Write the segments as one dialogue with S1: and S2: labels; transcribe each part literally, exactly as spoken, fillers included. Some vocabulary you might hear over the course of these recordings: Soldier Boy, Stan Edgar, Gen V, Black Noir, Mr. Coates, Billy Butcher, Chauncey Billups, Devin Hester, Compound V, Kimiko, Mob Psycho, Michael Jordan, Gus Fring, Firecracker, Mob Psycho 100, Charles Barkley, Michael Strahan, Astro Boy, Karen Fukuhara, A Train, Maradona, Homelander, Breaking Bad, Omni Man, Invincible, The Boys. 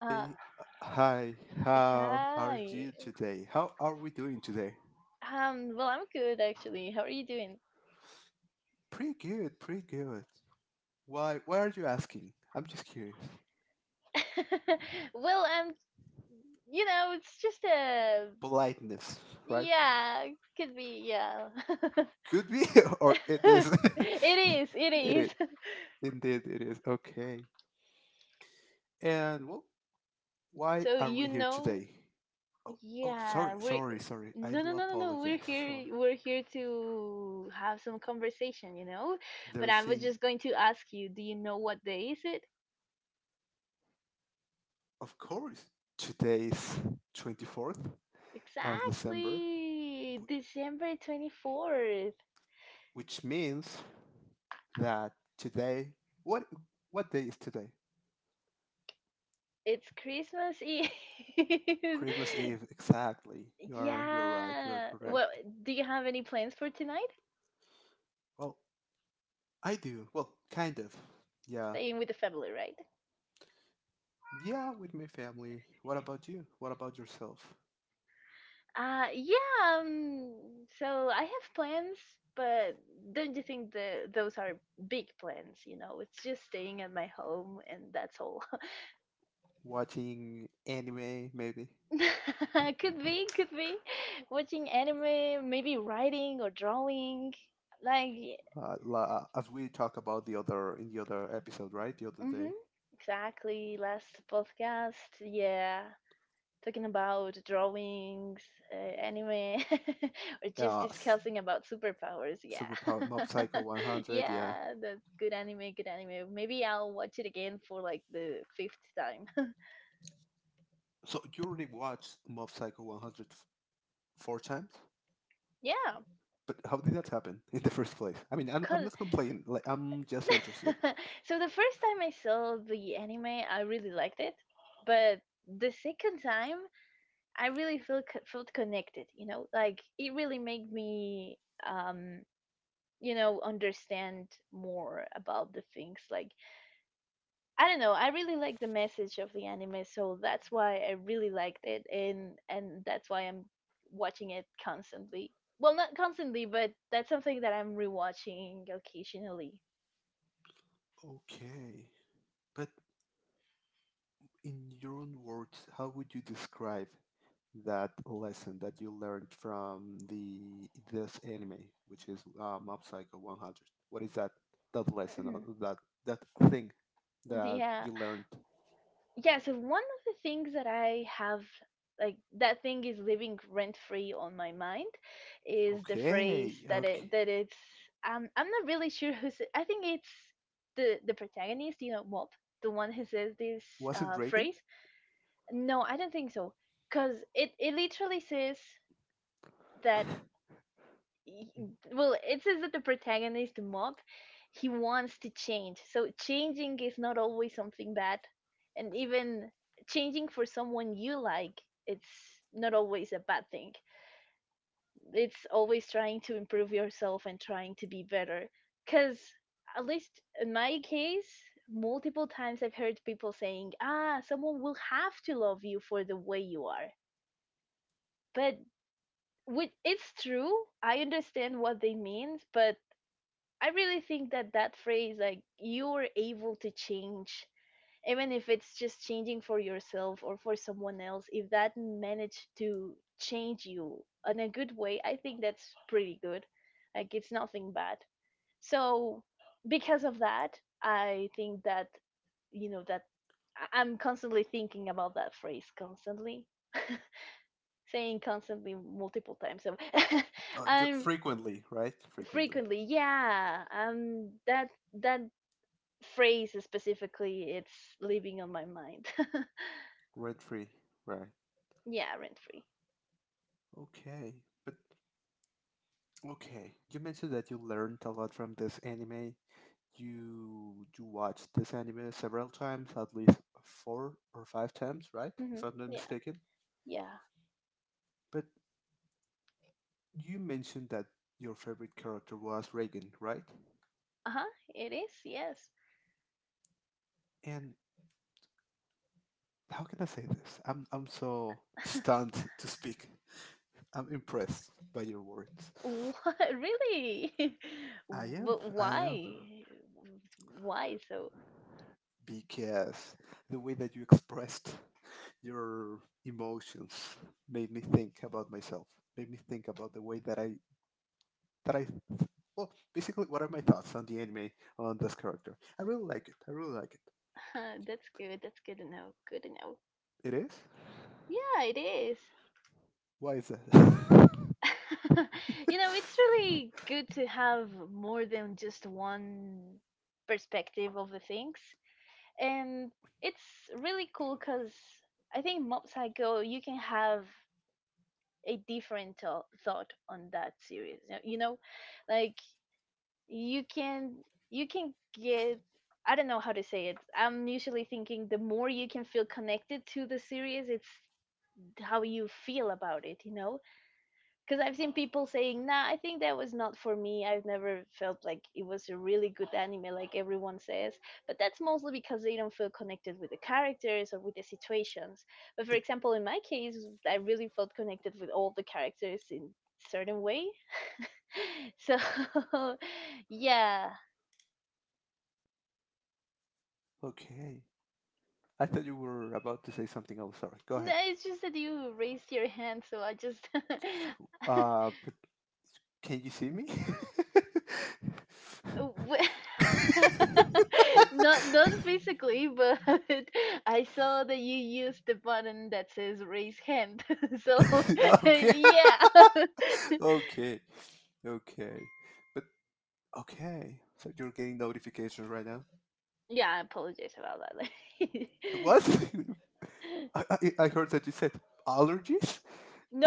S1: Uh,
S2: hi, how are
S1: Hi.
S2: you today? How are we doing today?
S1: Um, well, I'm good actually. How are you doing?
S2: Pretty good, pretty good. Why, why are you asking? I'm just curious.
S1: Well, I'm, you know, it's just a,
S2: Politeness, right?
S1: yeah, could be, yeah.
S2: Could be, or it is.
S1: It is, it
S2: It is,
S1: is.
S2: indeed, it is. Okay. And well, why
S1: So,
S2: are we
S1: you
S2: here
S1: know,
S2: today? Oh, oh,
S1: yeah,
S2: sorry,
S1: we're,
S2: sorry, sorry. I
S1: no, no,
S2: do
S1: no, no, no,
S2: apologize.
S1: we're
S2: Sorry.
S1: here, we're here to have some conversation, you know? But
S2: They're
S1: I was
S2: saying,
S1: just going to ask you, do you know what day is it?
S2: of course, today's twenty-fourth of December,
S1: Exactly, December twenty-fourth.
S2: which means that today, what what day is today?
S1: It's Christmas Eve.
S2: Christmas Eve, exactly. You're you're right. You're
S1: Yeah. Well,
S2: correct.
S1: do you have any plans for tonight?
S2: Well, I do. Well, kind of. Yeah,
S1: Staying with the family, right?
S2: yeah, with my family. What about you? What about yourself?
S1: Uh, yeah, um, so I have plans, but don't you think that those are big plans, you know? It's just staying at my home and that's all.
S2: Watching anime, maybe.
S1: Could be, could be. Watching anime, maybe writing or drawing. Like,
S2: Uh, la- as we talk about the other in the other episode, right? The other day.
S1: mm-hmm, exactly. Last podcast, yeah. Talking about drawings, uh, anime, or just
S2: Uh, s-
S1: discussing about superpowers. Yeah,
S2: Super Pro- Mob Psycho one hundred. Yeah.
S1: yeah, that's good anime, good anime. Maybe I'll watch it again for like the fifth time.
S2: So you already watched Mob Psycho one hundred f- four times?
S1: Yeah,
S2: But how did that happen in the first place? I mean, I'm, I'm
S1: cool.
S2: not complaining. Like, I'm just interested.
S1: So the first time I saw the anime, I really liked it, but the second time I really feel felt connected. You know, like it really made me um you know understand more about the things like I don't know. I really like the message of the anime, so that's why I really liked it, and and that's why I'm watching it constantly. Well, not constantly, but that's something that I'm rewatching occasionally.
S2: Okay, but in your own words, how would you describe that lesson that you learned from the this anime, which is uh, Mob Psycho one hundred? What is that that lesson or
S1: Mhm.
S2: that that thing that
S1: Yeah,
S2: you learned?
S1: yeah. So one of the things that I have, like that thing, is living rent free on my mind, is the phrase
S2: Okay,
S1: that
S2: okay.
S1: it that it's. Um, I'm not really sure who's. I think it's the the protagonist, you know, Mob, the one who says this
S2: Was it
S1: uh,
S2: Reagan?
S1: phrase. No, I don't think so. Because it, it literally says that, y-
S2: Mhm.
S1: well, it says that the protagonist, the mob, he wants to change. So changing is not always something bad. And even changing for someone you like, it's not always a bad thing. It's always trying to improve yourself and trying to be better. Because, at least in my case, multiple times I've heard people saying, ah, someone will have to love you for the way you are. But which it's true, I understand what they mean but I really think that that phrase, like you are able to change, even if it's just changing for yourself or for someone else, if that managed to change you in a good way, I think that's pretty good, like it's nothing bad. So because of that I think that you know that I- i'm constantly thinking about that phrase constantly saying constantly multiple times. So
S2: Uh, ju-
S1: I'm
S2: frequently, right? Frequently.
S1: frequently, yeah. Um, that that phrase specifically, it's living on my mind.
S2: Red free, right?
S1: Yeah, rent free.
S2: Okay, but Okay, you mentioned that you learned a lot from this anime. You you watched this anime several times, at least four or five times, right? If
S1: Hmm.
S2: I'm not
S1: Yeah,
S2: mistaken.
S1: yeah.
S2: But you mentioned that your favorite character was Reagan, right?
S1: Uh huh. It is. Yes.
S2: And how can I say this? I'm I'm so stunned to speak. I'm impressed by your words.
S1: What really?
S2: I am,
S1: But
S2: I am,
S1: why? Why? So
S2: because the way that you expressed your emotions made me think about myself, made me think about the way that I that I, well, basically, what are my thoughts on the anime, on this character? I really like it. I really like
S1: that's good. That's good to know. Good to know.
S2: it. It is.
S1: Yeah, it is.
S2: Why is that?
S1: You know, it's really good to have more than just one perspective of the things. And it's really cool because I think Mob Psycho, you can have a different tho- thought on that series. You know, you know, like you can you can get I don't know how to say it. I'm usually thinking the more you can feel connected to the series, it's how you feel about it, you know? Because I've seen people saying, "Nah, I think that was not for me. I've never felt like it was a really good anime, like everyone says." But that's mostly because they don't feel connected with the characters or with the situations. But for
S2: It-
S1: example, in my case, I really felt connected with all the characters in certain way. So, yeah,
S2: okay. I thought you were about to say something else. Sorry. Go
S1: no,
S2: ahead.
S1: it's just that you raised your hand, so I just
S2: Uh, but can you see me?
S1: w- not not physically, but I saw that you used the button that says raise hand. So
S2: Okay.
S1: yeah,
S2: Okay. Okay. But okay, so you're getting notifications right now.
S1: yeah, I apologize about that.
S2: What? I, I, I heard that you said allergies.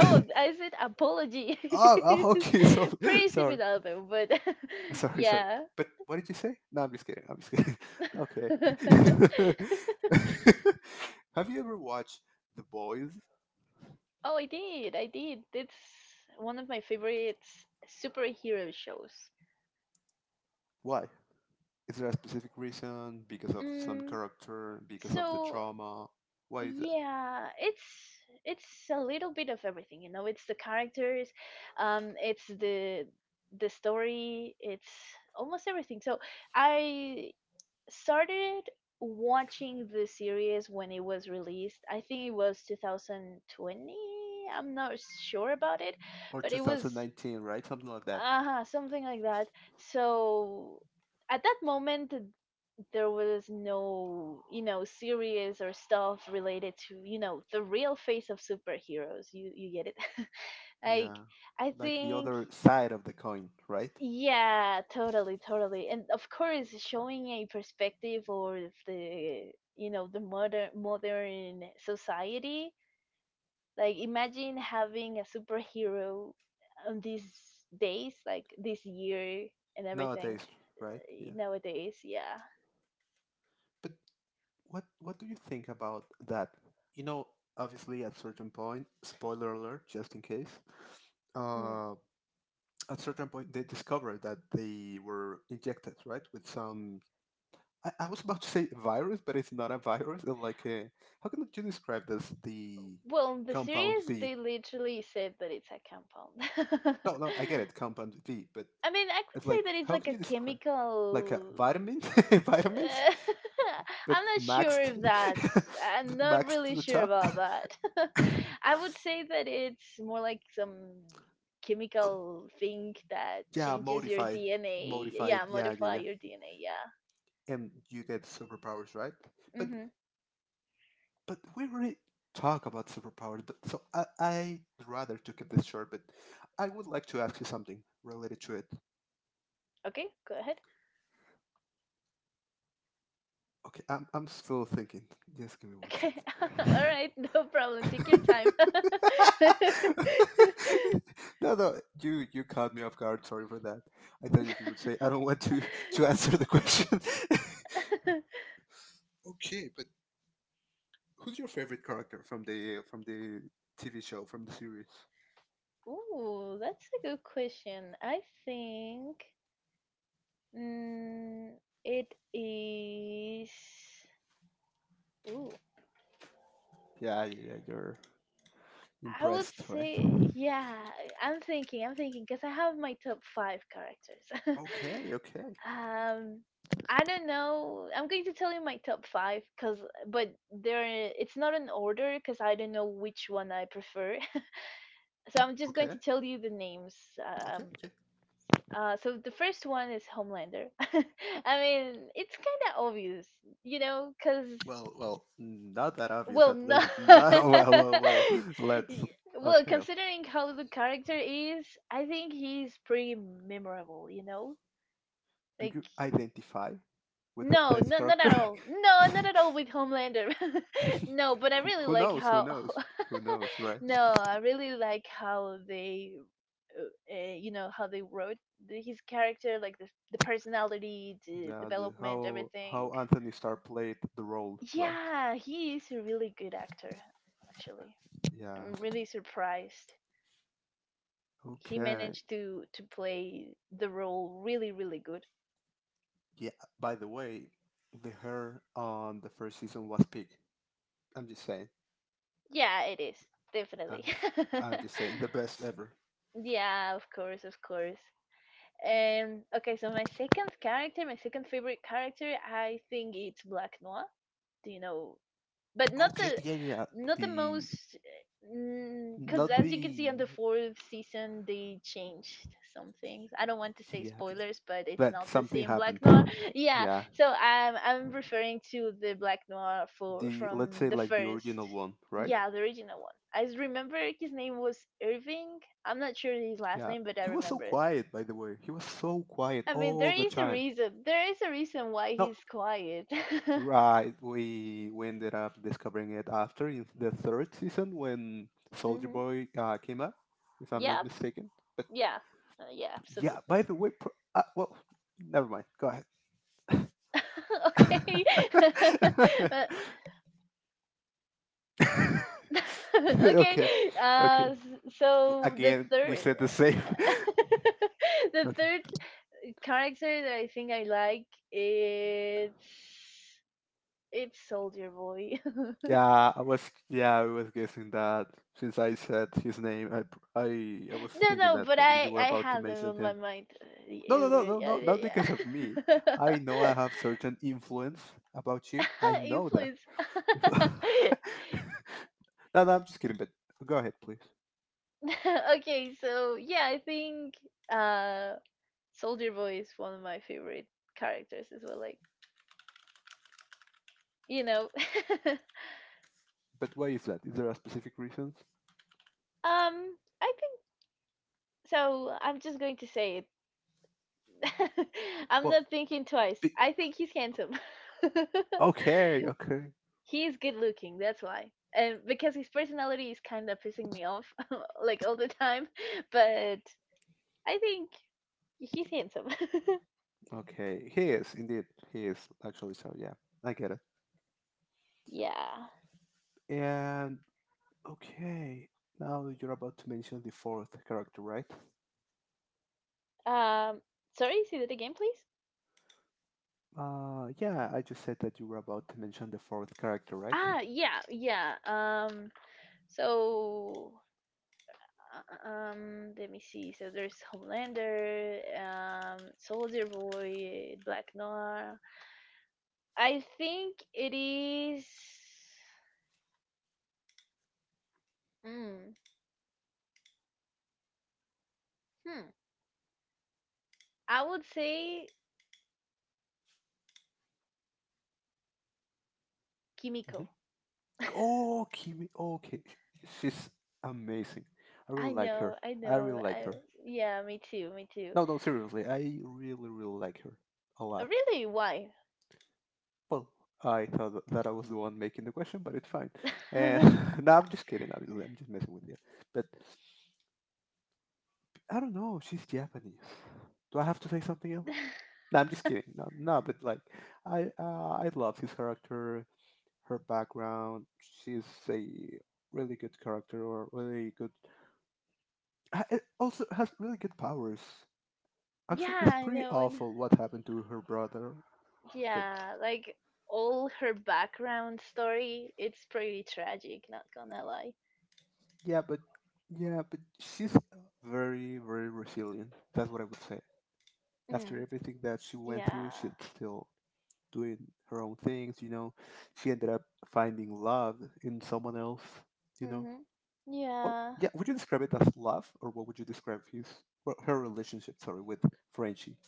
S2: oh,
S1: I said apology.
S2: oh,
S1: It's
S2: okay. So
S1: pretty
S2: sorry,
S1: similar though, but
S2: sorry, sorry.
S1: yeah.
S2: But what did you say? No, I'm just kidding. I'm just kidding. Okay. Have you ever watched The Boys?
S1: Oh, I did, I did. It's one of my favorite superhero shows.
S2: Why? Is there a specific reason? Because of some
S1: Mm,
S2: character? Because of the
S1: so
S2: trauma? Why is that?
S1: yeah, it's it's a little bit of everything, you know. It's the characters, um, it's the the story, it's almost everything. So I started watching the series when it was released. I think it was two thousand twenty. I'm not sure about it,
S2: Or
S1: but it was
S2: two thousand nineteen, right? Something like that.
S1: uh something like that. So at that moment there was no you know series or stuff related to you know the real face of superheroes you you get it
S2: Yeah.
S1: like I
S2: Like the
S1: think
S2: other side of the coin, right?
S1: yeah, totally, totally. And of course showing a perspective or of the you know the modern modern society, like imagine having a superhero on these days like this year and everything
S2: Nowadays, right? Yeah.
S1: uh, nowadays, yeah.
S2: But what what do you think about that? You know, obviously at certain point, spoiler alert, just in case,
S1: Mm.
S2: uh, at certain point they discovered that they were injected, right, with some. I, I was about to say virus, but it's not a virus. It's like a, how can you describe this? The
S1: Well, in the
S2: compound
S1: series,
S2: V.
S1: they literally said that it's a compound.
S2: No, no, I get it, compound V, but
S1: I mean, I could
S2: it's
S1: say
S2: like,
S1: that it's
S2: how
S1: like
S2: can
S1: a
S2: you describe, like a
S1: chemical.
S2: vitamin, vitamins bit
S1: I'm not sure
S2: maxed,
S1: if that's. I'm
S2: bit
S1: not
S2: maxed to
S1: really
S2: the
S1: sure
S2: top.
S1: about that. I would say that it's more like some chemical thing that
S2: Yeah,
S1: changes your
S2: modified,
S1: D N A.
S2: modified.
S1: Yeah,
S2: Yeah, yeah,
S1: modify
S2: yeah.
S1: your D N A. Yeah.
S2: And you get superpowers, right? But
S1: Mm-hmm.
S2: but we really talk about superpowers. But so I I'd rather to keep this short. But I would like to ask you something related to it.
S1: Okay, go ahead.
S2: Okay, I'm I'm still thinking. Just give me one
S1: Okay. All right. No problem. Take your
S2: second.
S1: time.
S2: No, no, you you caught me off guard. Sorry for that. I thought you would say I don't want to to answer the question. Okay, but who's your favorite character from the from the T V show, from the series?
S1: Ooh, that's a good question. I think mm, it is. Ooh,
S2: Yeah, yeah, you're
S1: I would
S2: impressed, right?
S1: say, yeah, I'm thinking, I'm thinking, because I have my top five characters.
S2: Okay, okay,
S1: um, I don't know. I'm going to tell you my top five, cause but there it's not an order, cause I don't know which one I prefer. So I'm just going
S2: okay,
S1: to tell you the names.
S2: okay,
S1: Um,
S2: okay.
S1: uh, so the first one is Homelander. I mean, it's kind of obvious, you know, cause
S2: Well, well, not that obvious
S1: well,
S2: at
S1: no.
S2: least. No, well, well, well. Let's.
S1: Y- well,
S2: Okay,
S1: considering how the character is, I think he's pretty memorable, you know?
S2: do
S1: Like,
S2: you identify with
S1: no,
S2: this
S1: no, not at
S2: character?
S1: all. No, not at all with Homelander. No, but I
S2: who
S1: really
S2: who
S1: like
S2: knows? Who
S1: how.
S2: knows? Who knows, right?
S1: No, I really like how they, uh, uh, you know, how they wrote the, his character, like the, the personality, the
S2: Yeah, the,
S1: development,
S2: how how
S1: everything.
S2: Anthony Starr played the role, right?
S1: Yeah, he is a really good actor, actually.
S2: Yeah.
S1: I'm really surprised. He
S2: Okay.
S1: managed to to play the role really really good.
S2: Yeah. By the way, the hair on the first season was peak. I'm just saying.
S1: Yeah, it is
S2: I'm
S1: definitely.
S2: just, I'm just saying the best ever.
S1: Yeah, of course, of course. Um okay, so my second character, my second favorite character, I think it's Black Noir. Do you know, but not
S2: Okay.
S1: the
S2: Yeah, yeah.
S1: not the
S2: The
S1: most, because
S2: not
S1: as you can see
S2: the
S1: on the fourth season they changed some things. I don't want to say
S2: Yeah,
S1: spoilers, but it's
S2: but
S1: not the
S2: something
S1: same
S2: happened.
S1: Black Noir. Yeah,
S2: Yeah.
S1: so i'm i'm referring to the Black Noir for
S2: The Let's
S1: from
S2: say
S1: the
S2: like the
S1: first.
S2: original one, right?
S1: Yeah, the original one. I s- remember his name was Irving. I'm not sure his last
S2: Yeah.
S1: name, but I
S2: He was so
S1: remember
S2: quiet, by the way. He was so quiet
S1: i mean
S2: all
S1: there
S2: the
S1: is a
S2: time.
S1: reason there is a reason why
S2: No,
S1: he's quiet.
S2: right. We we ended up discovering it after in the third season when Soldier
S1: Hmm,
S2: Boy uh, came up, if I'm not
S1: yeah,
S2: mistaken. But
S1: yeah. Uh, yeah,
S2: yeah,
S1: absolutely.
S2: by the way, pro- uh, well, never mind. Go ahead.
S1: Okay. Uh, okay.
S2: Okay,
S1: Uh,
S2: okay.
S1: s- so the
S2: Again, we
S1: third,
S2: said the same.
S1: the
S2: Okay.
S1: third character that I think I like, it's it's Soldier Boy.
S2: Yeah, I was yeah, I was guessing that since I said his name, I pr- I I was
S1: No,
S2: thinking
S1: no,
S2: that
S1: but
S2: probably you
S1: I
S2: were
S1: I
S2: about to
S1: had them
S2: mention
S1: on my
S2: him.
S1: mind uh,
S2: No, no, no,
S1: earlier.
S2: no,
S1: Yeah,
S2: no, not because of
S1: yeah,
S2: me.
S1: yeah.
S2: I know I have certain influence about you. I know that.
S1: Influence.
S2: No, no, I'm just kidding. But go ahead, please.
S1: Okay, so yeah, I think uh Soldier Boy is one of my favorite characters as well. Like you know, um,
S2: But why is that? Is there a specific reason?
S1: I think so. I'm just going to say it. I'm
S2: Well,
S1: not thinking twice.
S2: be-
S1: I think he's handsome.
S2: okay, okay,
S1: He's good looking. That's why. And because his personality is kind of pissing me off, like all the time, but I think he's handsome.
S2: okay. He is indeed. He is actually. So yeah, I get it.
S1: Yeah.
S2: And okay, now you're about to mention the fourth character, right?
S1: Um. Sorry. Say that again, please.
S2: Uh, yeah, I just said that you were about to mention the fourth character, right?
S1: Ah. Yeah. Yeah. Um. So Uh, Um, let me see. So there's Homelander, um, Soldier Boy, Black Noir. I think it is. Mm, hmm. I would say Kimiko.
S2: Mhm. Oh, Kimi. Oh, okay. She's amazing. I really
S1: I
S2: like her.
S1: know, I
S2: I really
S1: know.
S2: like
S1: I
S2: her.
S1: Yeah, me too, me too.
S2: No, no, seriously. I really, really like her a
S1: Uh,
S2: lot.
S1: Really, why?
S2: Well, I thought tha- that I was the one making the question, but it's fine. And
S1: Yeah,
S2: no, I'm just kidding. Obviously, I'm just messing with you. But I don't know. She's Japanese. Do I have to say something else? No, I'm just kidding. No, no, but like, I uh, I love his character. Her background. She's a really good character, or really good. ha- It also has really good powers. Actually, it's
S1: I
S2: pretty
S1: know. And
S2: awful what happened to her brother. But
S1: yeah, like all her background story, it's pretty tragic. Not gonna lie.
S2: yeah, but yeah, but she's very, very resilient. That's what I would say. After
S1: Mm,
S2: everything that she went through,
S1: yeah.
S2: she's still doing her own things. You know, she ended up finding love in someone else. You know,
S1: Mhm.
S2: well,
S1: Yeah.
S2: yeah. Would you describe it as love, or what would you describe his, well, her relationship? Sorry, with Frenchie.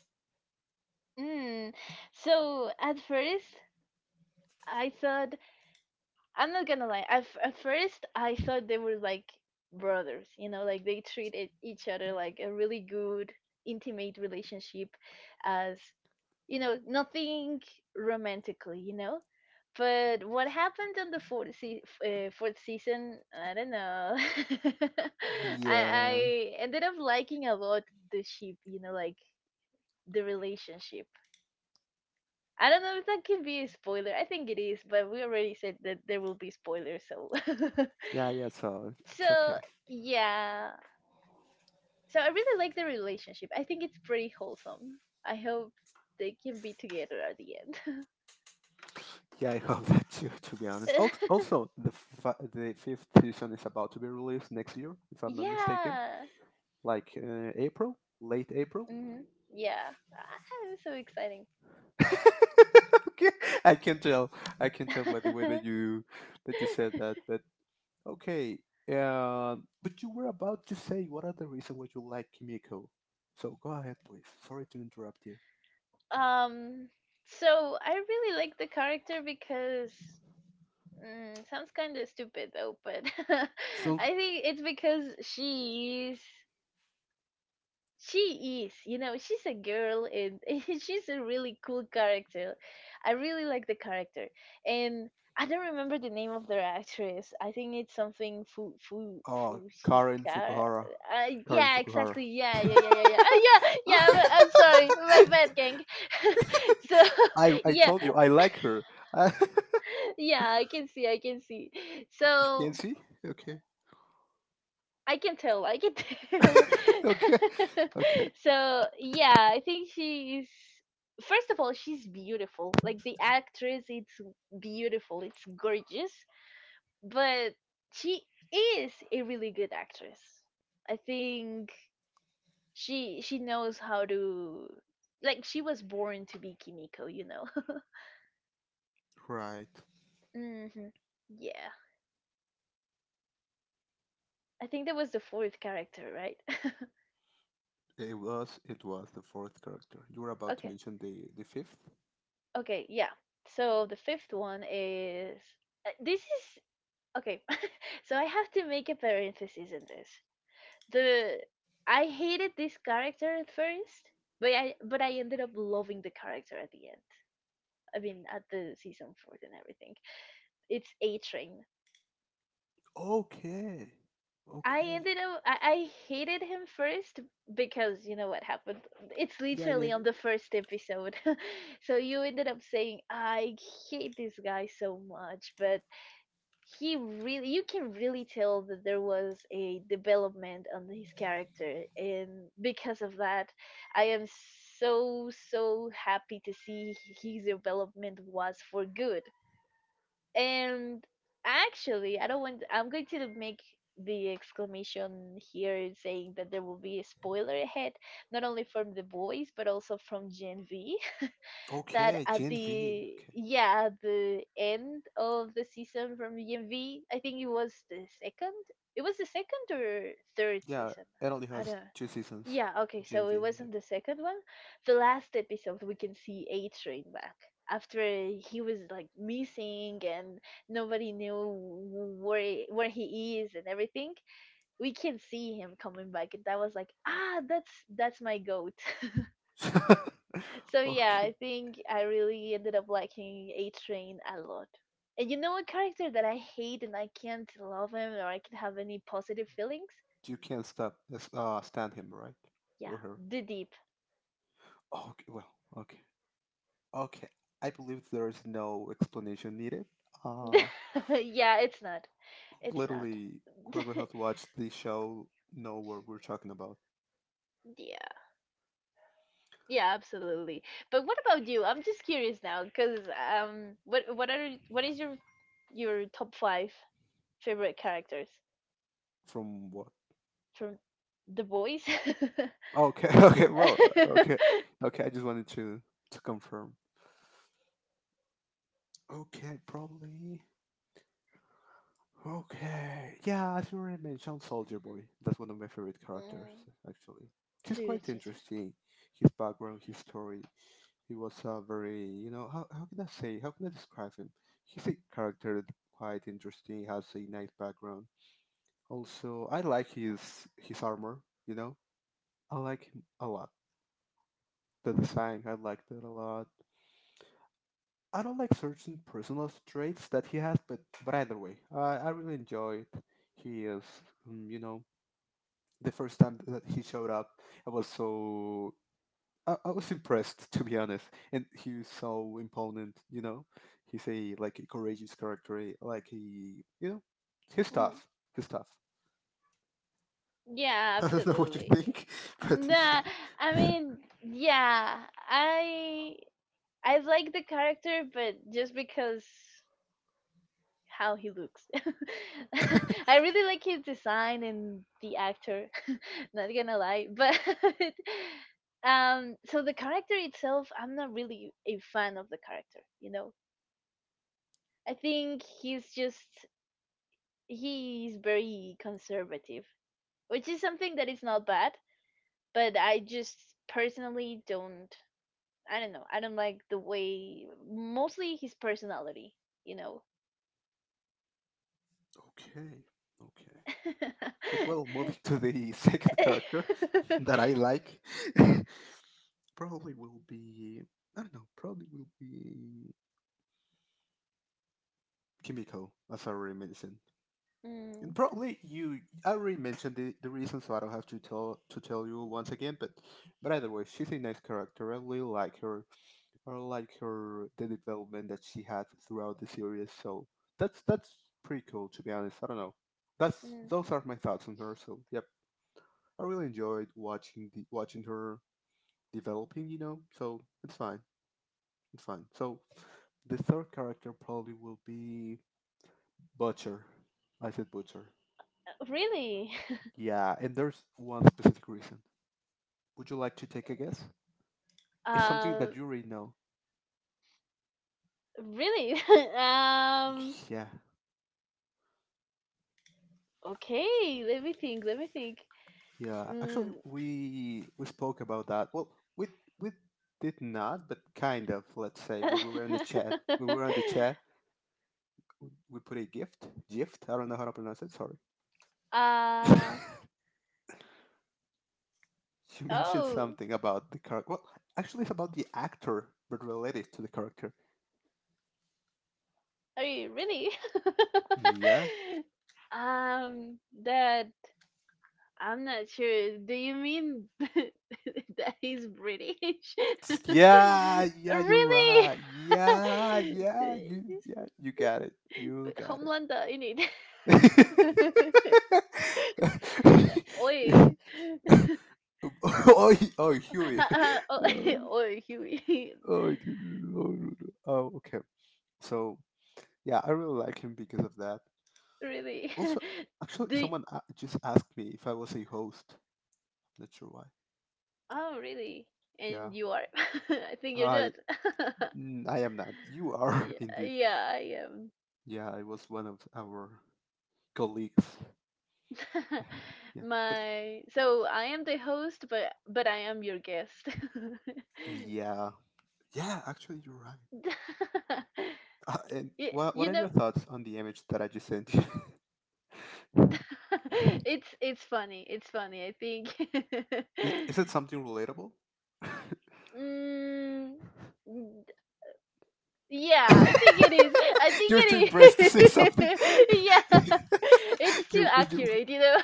S1: Mm. So at first, I thought I'm not gonna lie. At, f- at first, I thought they were like brothers. You know, like they treated each other like a really good, intimate relationship, as you know, nothing romantically. You know, but what happened on the fourth se- f- uh, fourth season? I don't know. I
S2: Yeah,
S1: I ended up liking a lot the ship. You know, like the relationship. I don't know if that can be a spoiler. I think it is, but we already said that there will be spoilers, so
S2: yeah, yeah. So it's
S1: so
S2: okay.
S1: yeah. So I really like the relationship. I think it's pretty wholesome. I hope they can be together at the
S2: Yeah, I hope that too. To be honest,
S1: end.
S2: also, also the fi- the fifth season is about to be released next year, if I'm not mistaken,
S1: Yeah.
S2: like uh, April, late April.
S1: Hmm. Yeah. Ah, it's so exciting.
S2: Okay, I can tell. I can tell by the way that you that you said that. But okay, um, but you were about to say what are the reasons why you like Kimiko. So go ahead, please. Sorry to interrupt you.
S1: um so I really like the character because mm, sounds kind of stupid though, but
S2: Sounds.
S1: I think it's because she's she is, you know, she's a girl and she's a really cool character. I really like the character, and I don't remember the name of the actress. I think it's something Fu Fu
S2: Oh, Karen
S1: Fushika.
S2: Fukuhara.
S1: Uh,
S2: Karen
S1: yeah,
S2: Fukuhara.
S1: exactly. Yeah, yeah, yeah, yeah, yeah. Ah, yeah, yeah. I'm, I'm sorry, my bad, gang. so
S2: I I
S1: yeah,
S2: told you I like her. Uh,
S1: yeah, I can see, I can see.
S2: you can
S1: So
S2: see. Okay.
S1: I can tell. I can tell.
S2: Okay. Okay.
S1: so yeah, I think she's first of all, she's beautiful. Like the actress, it's beautiful. It's gorgeous, but she is a really good actress. I think she she knows how to, like, she was born to be Kimiko, you know.
S2: Right.
S1: mhm. Yeah. I think that was the fourth character, right?
S2: It was it was the fourth character. You were about to
S1: okay.
S2: mention the the fifth.
S1: Okay, yeah. So the fifth one is, uh, this is okay. so I have to make a parenthesis in this. The I hated this character at first, but I but I ended up loving the character at the end. I mean, at the season four and everything. It's A Train.
S2: Okay.
S1: I
S2: Okay.
S1: ended up I, I hated him first because you know what happened. It's
S2: Yeah. Yeah.
S1: literally on the first episode. so you ended up saying I hate this guy so much, but he really you can really tell that there was a development on his character, and because of that, I am so so happy to see his development was for good. And actually, I don't want, I'm going to make the exclamation here, saying that there will be a spoiler ahead, not only from The Boys but also from Gen V, that
S2: Okay.
S1: at
S2: Gen V.
S1: the
S2: Okay.
S1: yeah at the end of the season from D M V. I think it was the second. It was the second or third
S2: Yeah.
S1: season.
S2: It only
S1: I
S2: has
S1: don't.
S2: two seasons.
S1: Yeah. Okay.
S2: Gen
S1: So it
S2: V.
S1: was on the second one. The last episode, we can see A Train back after he was like missing and nobody knew wh- where where he is and everything. We can see him coming back, and that was like, ah, that's that's my goat.
S2: Yeah.
S1: So yeah,
S2: Okay.
S1: I think I really ended up liking A Train a lot. And you know a character that I hate and I can't love him or I can have any positive feelings?
S2: You can't stop uh, stand him, right?
S1: Yeah,
S2: Or her.
S1: the deep.
S2: Okay, well, okay. Okay. I believe there is no explanation needed. Uh
S1: yeah, it's not. It's not.
S2: Literally whoever has watched the show know what we're talking about.
S1: yeah. Yeah, absolutely. But what about you? I'm just curious now because um what what are what is your your top five favorite characters
S2: From what?
S1: from The Boys?
S2: Okay, okay, well, uh, okay. Okay, I just wanted to to confirm. Okay, probably. Okay. Yeah, as you already mentioned, Soldier Boy. That's one of my favorite characters,
S1: Mm,
S2: actually. He's
S1: true,
S2: quite
S1: true, true.
S2: interesting. His background, his story. He was a very, you know, how, how can I say, how can I describe him? He's a character that's quite interesting. He has a nice background. Also, I like his his armor. You know, I like him a lot. The design, I like that a lot. I don't like certain personal traits that he has, but but either way, I I really enjoyed. He is, um, you know, the first time that he showed up, I was so, I, I was impressed, to be honest, and he was so imponent, you know he's a like a courageous character. Eh, like, he, you know he's
S1: Mm.
S2: tough. He's tough.
S1: Yeah,
S2: I don't know what you
S1: absolutely.
S2: think, but he-
S1: Nah, I
S2: okay.
S1: mean, yeah, I I like the character, but just because how he looks. I really like his design and the actor. Not gonna lie, but um, so the character itself, I'm not really a fan of the character. You know, I think he's just he's very conservative, which is something that is not bad, but I just personally don't. I don't know. I don't like the way, mostly his personality. You know.
S2: Okay, but, well, moving to the second character that I like, probably will be, I don't know, probably will be Kimiko, as I already mentioned. And
S1: mm,
S2: probably you I already mentioned the, the reason, so I don't have to tell to tell you once again, but but either way, she's a nice character. I really like her. I like her the development that she had throughout the series, so that's that's pretty cool, to be honest. I don't know. That's
S1: mm.
S2: Those are my thoughts on her, so yep. I really enjoyed watching the watching her developing, you know, so it's fine. It's fine. So the third character probably will be Butcher. I said Butcher.
S1: Really,
S2: Yeah, and there's one specific reason. Would you like to take a guess? It's something that
S1: um,
S2: you already know.
S1: really. um.
S2: Yeah,
S1: Okay, let me think. Let me think.
S2: yeah. Actually,
S1: Mm.
S2: we we spoke about that. Well, we we did not, but kind of. Let's say when we were in the chat, when we were on the chat, we put a gift. Gift. I don't know how to pronounce it. Sorry.
S1: uh
S2: You mentioned
S1: oh.
S2: something about the character. Well, actually, it's about the actor, but related to the character.
S1: Are you really?
S2: Yeah.
S1: um. That I'm not sure. Do you mean that he's British?
S2: Yeah, yeah, you're
S1: really?
S2: right. Yeah, yeah, you, yeah, you got it. You got it.
S1: Homelander in
S2: oh,
S1: it. Oi.
S2: he- oh, Huey.
S1: Ha- ha-
S2: Oh,
S1: Oi, Huey.
S2: oh, dude. Oh, no, no. Oh, okay. So, yeah, I really like him because of that.
S1: really?
S2: Also, actually,
S1: Do y-
S2: someone a- just asked me if I was a host. Not sure why.
S1: oh, really?
S2: Yeah,
S1: And you are. I think you're
S2: I,
S1: dead.
S2: mm, I am not. You are
S1: yeah,
S2: indeed.
S1: yeah, I am.
S2: Yeah, I was one of our colleagues. Yeah, yeah. But
S1: My so I am the host, but but I am your guest.
S2: yeah, yeah. Actually, you're right. Uh, and
S1: you,
S2: what what
S1: you
S2: are
S1: know,
S2: your thoughts on the image that I just sent you? I-
S1: it's it's funny. It's funny. I think.
S2: Is it something relatable?
S1: mm, n- yeah, I think it is. I
S2: You're too impressed to say
S1: think it
S2: something.
S1: is. yeah, it's too
S2: you you
S1: accurate. You know.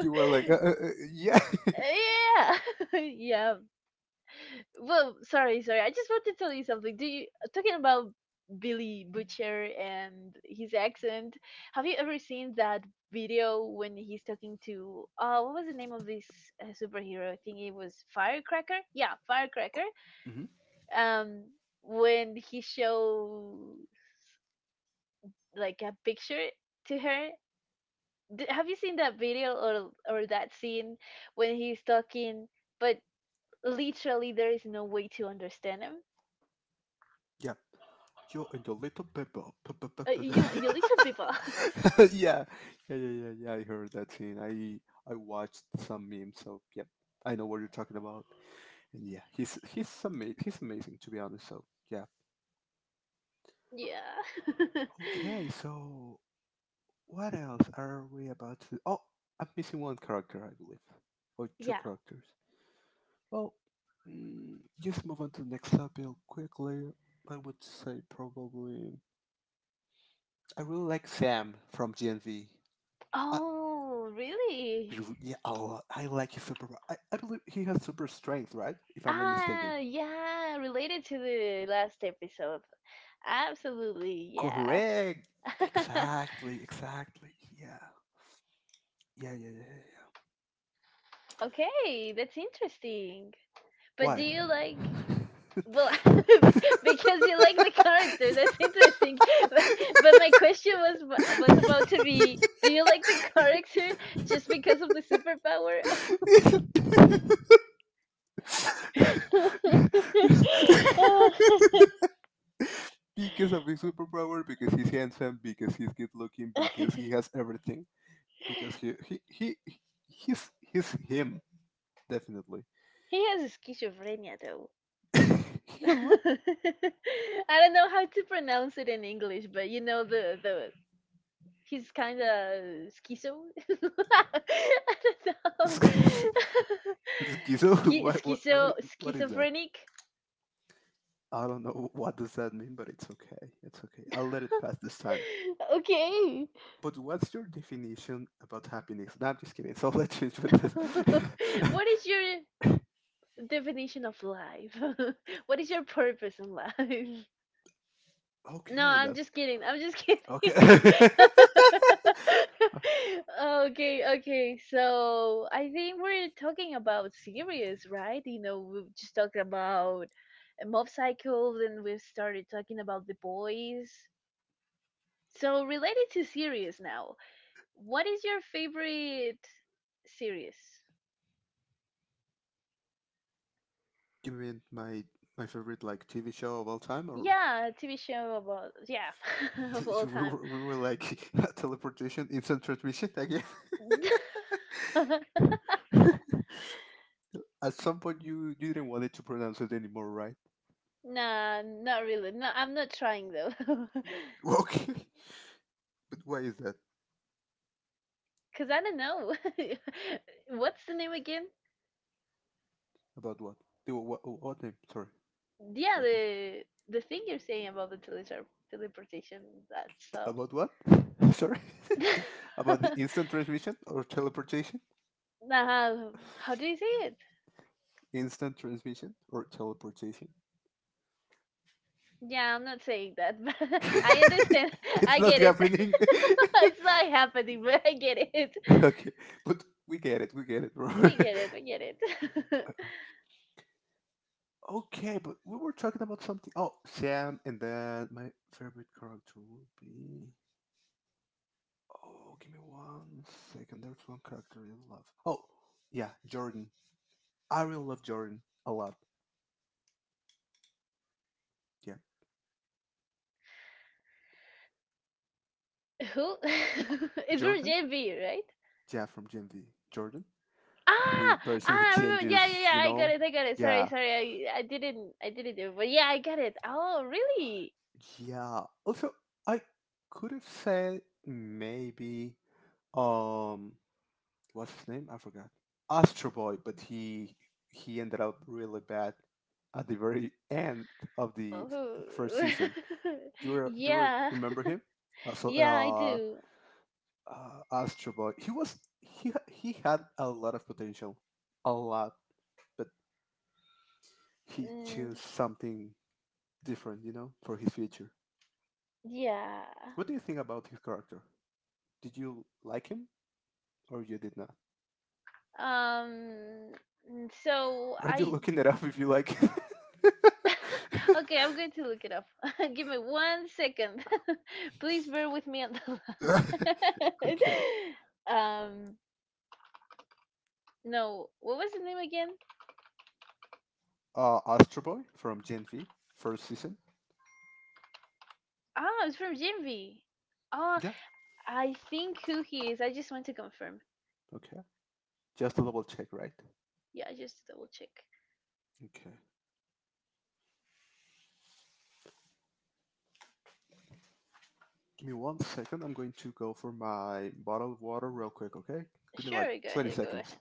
S2: were like, uh, uh, uh, yeah,
S1: yeah, yeah. Well, sorry, sorry. I just want to tell you something. Do you talking about Billy Butcher and his accent? Have you ever seen that video when he's talking to uh what was the name of this uh, superhero? I think it was Firecracker. Yeah, Firecracker.
S2: hmm
S1: Um, when he show like a picture to her. D have you seen that video or or that scene when he's talking, but literally there is no way to understand him?
S2: yeah. You and your little pepper. Pe- pe- pe-
S1: Uh,
S2: pe-
S1: you you little people.
S2: pe- yeah, yeah, yeah, yeah, yeah. I heard that scene. I I watched some memes, so yep, I know what you're talking about. And yeah, he's he's amazing. He's amazing, to be honest. So yeah.
S1: Yeah.
S2: Okay, so what else are we about to? Oh, I'm missing one character, I believe, or two
S1: Yeah.
S2: characters. Well, mm, just move on to the next topic quickly. I would say probably I really like Sam from G N V. I,
S1: Oh, really?
S2: yeah, oh, I like his super. I, I believe he has super strength, right? If I'm not mistaken.
S1: Ah, yeah, related to the last episode. Absolutely, yeah.
S2: Correct. Exactly. Exactly. Yeah. Yeah. Yeah. Yeah. Yeah. Yeah.
S1: Okay, that's interesting. But do
S2: Why?
S1: you like, well, because you like the character, that's interesting. But, but my question was wa- was about to be, do you like the character just because of the superpower? Oh.
S2: Because of his superpower, because he's handsome, because he's good looking, because he has everything, because he he he he's he's him definitely.
S1: He has schizophrenia though.
S2: He has what?
S1: I don't know how to pronounce it in English, but you know the the he's kind of schizo. I don't know.
S2: Schizo?
S1: Schi-
S2: What what what
S1: schizo
S2: i- what is that?
S1: schizophrenic.
S2: I don't know what does that mean, but it's okay. It's okay. I'll let it pass this time.
S1: Okay.
S2: But what's your definition about happiness? No, I'm just kidding. So let's change with this.
S1: what is your definition of life? what is your purpose in life? No,
S2: Okay,
S1: I'm
S2: that's
S1: just kidding. I'm just
S2: okay.
S1: kidding. Okay, okay. So I think we're talking about series, right? You know, we've just talked about uh, Mob Psycho, then we've started talking about The Boys. So related to series now, what is your favorite series?
S2: You mean my my favorite like T V show of all time, or
S1: Yeah, T V show about, yeah, of all
S2: we
S1: time.
S2: were, we were like teleportation, instant transmission again? At some point, you you didn't want it to pronounce it anymore, right?
S1: Nah, not really. No, I'm not trying though.
S2: Okay, but why is that?
S1: Cause I don't know. What's the name again?
S2: About what? The wha- What, what name? Sorry.
S1: Yeah,
S2: What?
S1: the the thing you're saying about the teletra- teleportation, that stuff.
S2: About what? Sorry. About the instant transmission or teleportation?
S1: nah, how do you say it?
S2: Instant transmission or teleportation?
S1: Yeah, I'm not saying that, but I understand.
S2: It's
S1: I
S2: not
S1: get it.
S2: happening.
S1: it's not happening, but I get it.
S2: Okay, but we get it. We get it, bro.
S1: We get it. We get it.
S2: Okay, but we were talking about something. Oh, Sam, and then my favorite character would be. Oh, give me one second. There's one character I really love. Oh, yeah, Jordan. I really love Jordan a lot. Yeah,
S1: Who? it's for
S2: Jordan.
S1: J B, right?
S2: Yeah, from Gen V. Jordan. The
S1: Ah!
S2: person who
S1: Ah, I remember. Yeah, yeah,
S2: changes, you
S1: yeah. I got
S2: know?
S1: it. I got it. Sorry,
S2: Yeah.
S1: sorry. I I didn't I didn't do it, but yeah, I got it. Oh, really?
S2: Yeah. Also, I could have said maybe um what's his name? I forgot. Astro Boy, but he he ended up really bad at the very end of the first
S1: Oh.
S2: season. Do you, re- do you re-
S1: Yeah.
S2: remember him? Uh, so
S1: Yeah, I
S2: uh,
S1: do.
S2: uh Astro Boy. He was he ha- he had a lot of potential. A lot, but he chose
S1: Mm,
S2: something different, you know, for his future.
S1: yeah.
S2: What do you think about his character? Did you like him or you did not?
S1: Um mm, so
S2: Are you
S1: I
S2: looking it up if you like him?
S1: Okay, I'm going to look it up. Give me one second. Please bear with me on the line.
S2: Okay.
S1: Um no, what was the name again?
S2: Uh, Astro Boy from Gen V, first season.
S1: Ah, it's from Jinvi. Oh,
S2: Yeah.
S1: I think who he is. I just want to confirm.
S2: Okay. Just a double check, right?
S1: Yeah, just to double check.
S2: Okay. Give me one second. I'm going to go for my bottle of water real quick, okay? Give me like
S1: Sure, go
S2: 20
S1: ahead, go
S2: seconds.
S1: ahead.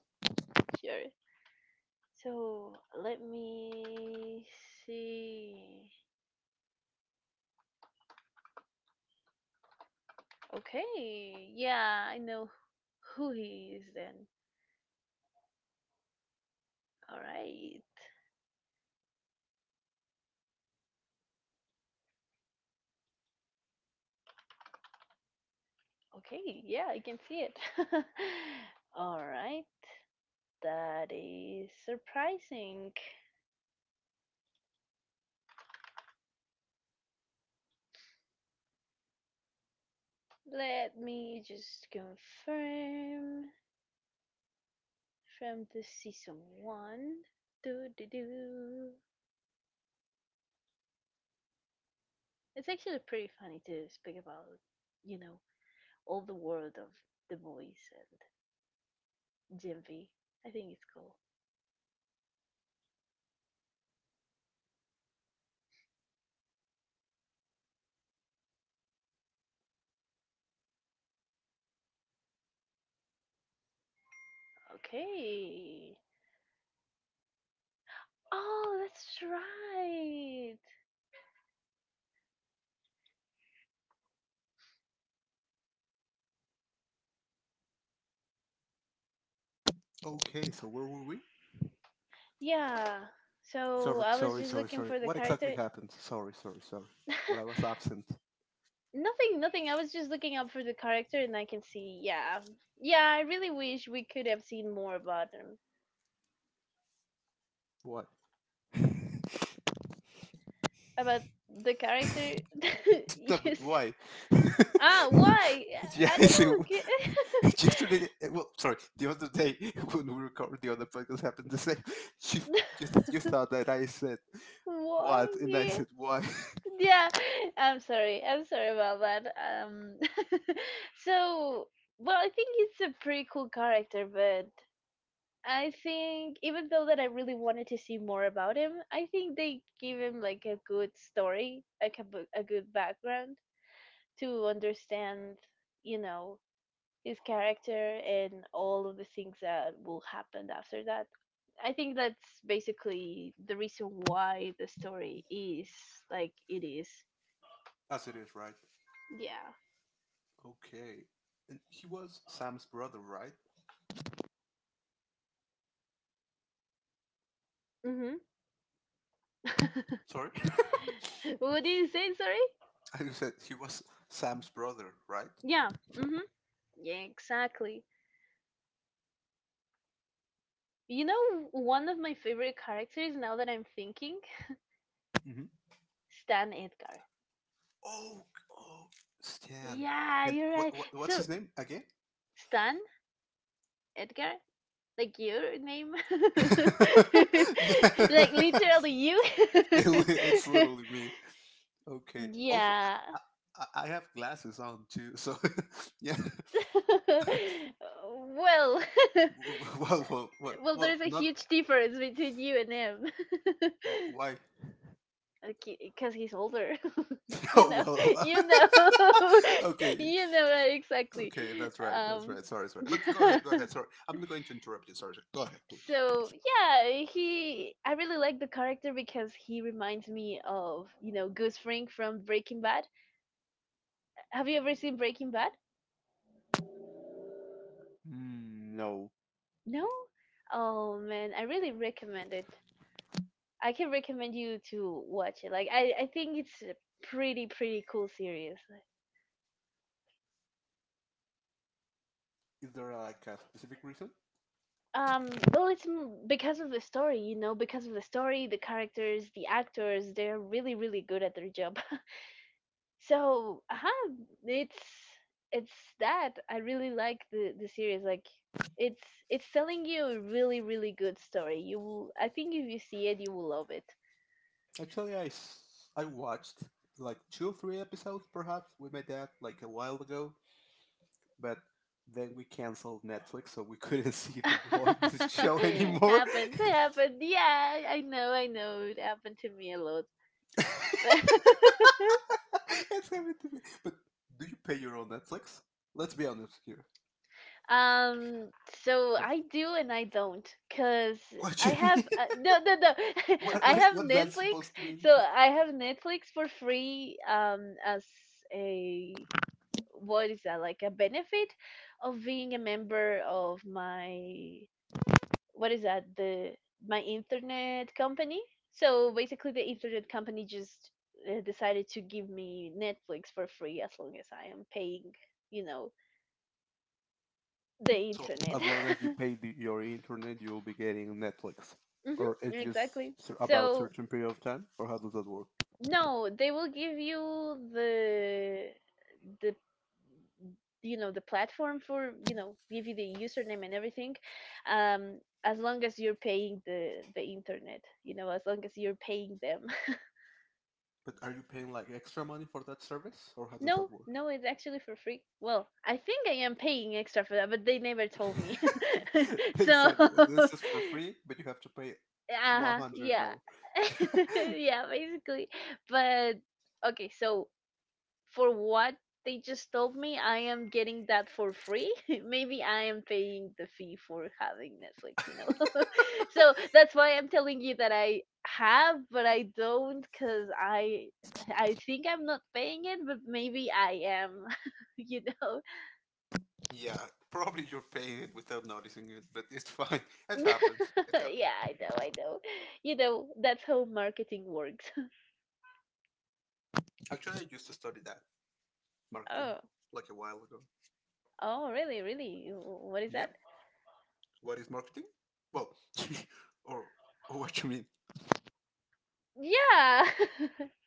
S1: Sure. So let me see. Okay, yeah, I know who he is then. All right. Okay, yeah, I can see it. All right. That is surprising. Let me just confirm from the season one. Do do do. It's actually pretty funny to speak about, you know, all the world of The Voice and Gen V. I think it's cool. Okay. Oh, that's right.
S2: Okay, so where were we?
S1: Yeah. So
S2: Sorry,
S1: I was
S2: sorry,
S1: just
S2: sorry,
S1: looking
S2: sorry.
S1: for the
S2: What exactly
S1: character.
S2: happened? Sorry, sorry, sorry. What I was absent.
S1: nothing, nothing. I was just looking up for the character, and I can see. Yeah, yeah. I really wish we could have seen more about him,
S2: What?
S1: about the character.
S2: Yeah, but
S1: yes.
S2: why?
S1: Ah, why?
S2: yeah,
S1: I
S2: so
S1: don't
S2: yesterday, well, sorry, the other day when we recorded the other podcast happened the same. She
S1: know.
S2: just you thought that I said what, and I
S1: Why?
S2: said why.
S1: Yeah, yeah. I'm sorry. I'm sorry about that. Um, so well, I think it's a pretty cool character, but I think even though that I really wanted to see more about him, I think they give him like a good story, like a, bu- a good background to understand, you know, his character and all of the things that will happen after that. I think that's basically the reason why the story is like it is.
S2: As it is, right?
S1: Yeah.
S2: Okay. And he was Sam's brother, right?
S1: Mhm.
S2: Sorry,
S1: what did you say? Sorry.
S2: I said he was Sam's brother, right?
S1: Yeah. Mhm. Yeah. Exactly. You know, one of my favorite characters now that I'm thinking,
S2: Hmm.
S1: Stan Edgar.
S2: Oh, oh, Stan.
S1: Yeah,
S2: And
S1: you're
S2: what,
S1: right.
S2: what what's
S1: So
S2: his name again?
S1: Stan Edgar. Like your name?
S2: Yeah,
S1: Like literally you?
S2: it li- it's literally me. Okay. Also,
S1: Yeah.
S2: I, I, I have glasses on too, so yeah.
S1: Well,
S2: Well, well, well,
S1: well,
S2: well
S1: there's a
S2: not
S1: huge difference between you and him.
S2: wh- why.
S1: Because he's older. You
S2: Oh,
S1: know,
S2: well,
S1: you know,
S2: well. Okay,
S1: you know uh, exactly.
S2: okay, that's right, that's
S1: Um,
S2: right. Sorry, sorry. But go ahead, go ahead. Sorry, I'm not going to interrupt you. Sorry, sorry. Go ahead, please.
S1: so yeah, he. I really like the character because he reminds me of you know Goose Fring from Breaking Bad. Have you ever seen Breaking Bad?
S2: Mm, no.
S1: No? Oh man, I really recommend it. I can recommend you to watch it. Like I, I think it's a pretty pretty cool series.
S2: Is there uh, like a specific reason?
S1: Um, well, it's m- because of the story, you know, because of the story, the characters, the actors, they're really really good at their job. So, uh-huh, it's it's that I really like the the series, like it's it's telling you a really really good story. You will, I think, if you see it, you will love it.
S2: Actually, I s- I watched like two or three episodes, perhaps, with my dad like a while ago, but then we canceled Netflix, so we couldn't see the one the show
S1: Happened,
S2: anymore.
S1: happened. Yeah, I know, I know. It happened to me a lot. But
S2: It's happened to me. But do you pay your own Netflix? Let's be honest here.
S1: um, so I
S2: Wh-
S1: do and I don't, cause
S2: What do
S1: I
S2: you mean?
S1: have uh, no, no, no.
S2: What
S1: I
S2: what
S1: have
S2: what's that
S1: Netflix,
S2: supposed to mean?
S1: so I have Netflix for free. Um, as a, what is that, like a benefit of being a member of my, what is that, the my internet company, so basically the internet company just uh, decided to give me Netflix for free as long as I am paying, you know, the
S2: So
S1: internet.
S2: as long as you pay the, your internet, you'll be getting Netflix,
S1: Hmm,
S2: or it's just
S1: exactly,
S2: cer- about
S1: so
S2: certain period of time, or how does that work?
S1: no, they will give you the the you know the platform for, you know, give you the username and everything. um as long as you're paying the the internet, you know, as long as you're paying them.
S2: But are you paying like extra money for that service, or how does
S1: No,
S2: that work?
S1: no, it's actually for free. Well, I think I am paying extra for that, but they never told me.
S2: They
S1: so,
S2: said, "Oh,
S1: uh,
S2: this is for free, but you have to pay
S1: yeah,
S2: one hundred more."
S1: yeah, basically. But okay, so for what they just told me, I am getting that for free. Maybe I am paying the fee for having Netflix, you know? So that's why I'm telling you that I have, but I don't because I. I think I'm not paying it, but maybe I am, you know.
S2: Yeah, probably you're paying it without noticing it, but it's fine. It happens. It happens.
S1: Yeah, I know, I know. You know, that's how marketing works.
S2: Actually, I used to study that marketing
S1: Oh,
S2: like a while ago.
S1: oh, really, really? Wh- What is
S2: Yeah.
S1: that?
S2: What is marketing? Well, or, or what you mean?
S1: Yeah.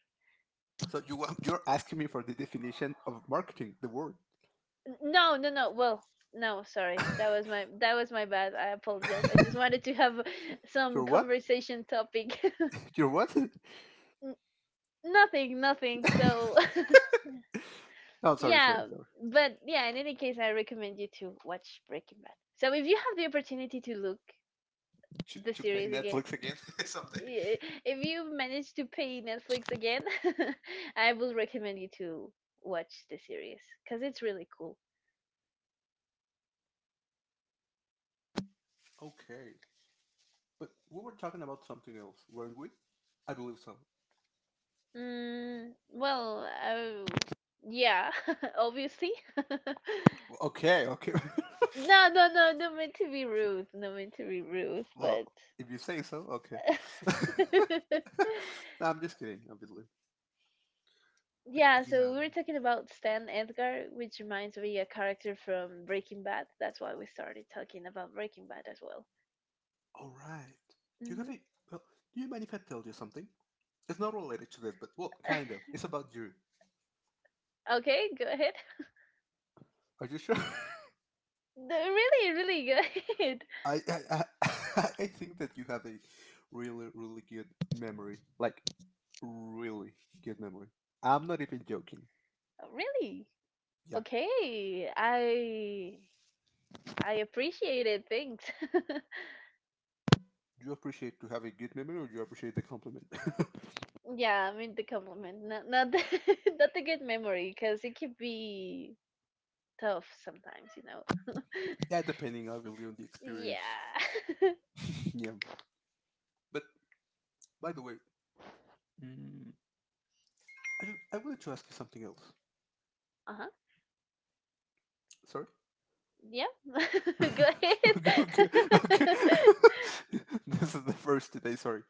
S2: So you want- you're asking me for the definition of marketing, the word.
S1: No, no, no. Well, no, sorry. That was my that was my bad. I apologize. I just wanted to have some
S2: You're what?
S1: conversation topic.
S2: You're what?
S1: N- nothing, nothing. So,
S2: No, sorry, sorry,
S1: yeah,
S2: sorry.
S1: but yeah, in any case, I recommend you to watch Breaking Bad. So, if you have the opportunity to look
S2: To,
S1: the
S2: to pay
S1: series again,
S2: Netflix again someday.
S1: i- if you manage to pay Netflix again, I will recommend you to watch the series cuz it's really cool.
S2: Okay. But we were talking about something else, weren't we? I believe so.
S1: Mm, well, oh, yeah, obviously.
S2: Okay, okay.
S1: No, no, no, not meant to be rude, not meant to be rude,
S2: Well,
S1: but
S2: if you say so, okay. No, I'm just kidding, obviously. But
S1: yeah, so
S2: yeah,
S1: we were talking about Stan Edgar, which reminds me a character from Breaking Bad. That's why we started talking about Breaking Bad as well.
S2: all right. You have a well. Do you mind if I tell you something? It's not related to this, but well, kind of.
S1: Hmm
S2: It's about you.
S1: Okay, go ahead.
S2: Are you sure?
S1: No, really, really, go ahead.
S2: I I I, I think that you have a really really good memory, like really good memory. I'm not even joking.
S1: Really?
S2: Yeah.
S1: Okay, I I appreciate it. Thanks.
S2: Do you appreciate to have a good memory or do you appreciate the compliment?
S1: Yeah, I mean the compliment, not not the, not the good memory, because it could be tough sometimes, you know.
S2: Yeah, depending obviously on the
S1: yeah.
S2: experience. Yeah. But by the way, mm, I, just, I wanted to ask you something else.
S1: uh huh.
S2: Sorry?
S1: Yeah. Go
S2: okay, okay, okay.
S1: ahead.
S2: This is the first today, sorry.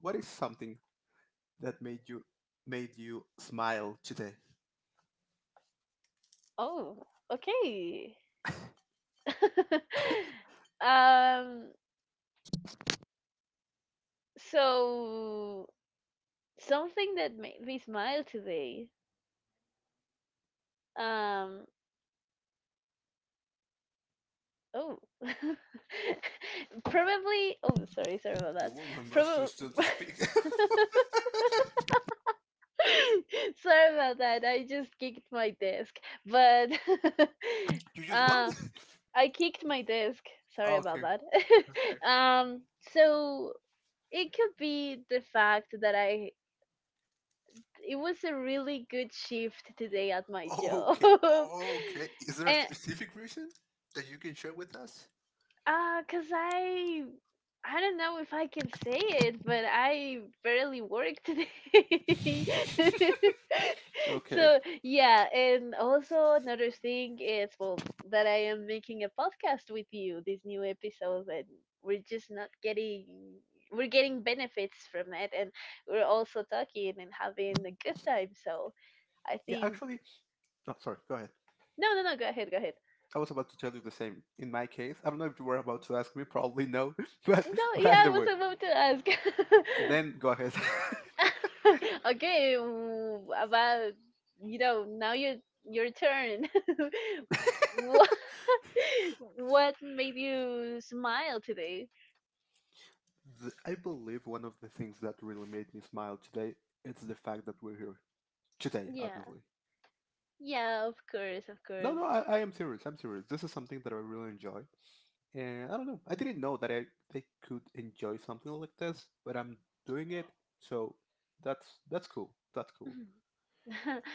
S2: What is something that made you made you smile today?
S1: Oh, okay. um. So something that made me smile today. Um. Oh. Probably. Oh, sorry. Sorry about
S2: The
S1: that.
S2: woman was still,
S1: Probably.
S2: still to speak.
S1: Sorry about that. I just kicked my desk. But
S2: You just what?
S1: uh I kicked my desk. Sorry about
S2: Okay.
S1: that.
S2: Okay.
S1: um so it could be the fact that I it was a really good shift today at my job.
S2: Okay. Okay. Is there a
S1: and
S2: specific reason that you can share with us?
S1: Uh, cause I I don't know if I can say it, but I barely work today.
S2: Okay.
S1: So yeah, and also another thing is well that I am making a podcast with you, this new episode, and we're just not getting we're getting benefits from it and we're also talking and having a good time. So I
S2: Yeah,
S1: think
S2: actually, oh, sorry. Go ahead.
S1: no, no, no, go ahead, go ahead.
S2: I was about to tell you the same. In my case, I don't know if you were about to ask me. Probably no, but
S1: No,
S2: but
S1: yeah, I
S2: either
S1: was
S2: way,
S1: about to ask.
S2: then go ahead.
S1: okay, w- about you know now your your turn. what what made you smile today?
S2: The- I believe one of the things that really made me smile today it's the fact that we're here today.
S1: Yeah,
S2: Obviously,
S1: yeah, of course, of
S2: no,
S1: course.
S2: no, I, I am serious. I'm serious. This is something that I really enjoy, and I don't know. I didn't know that I I could enjoy something like this, but I'm doing it. So that's that's cool. That's cool.
S1: Mhm.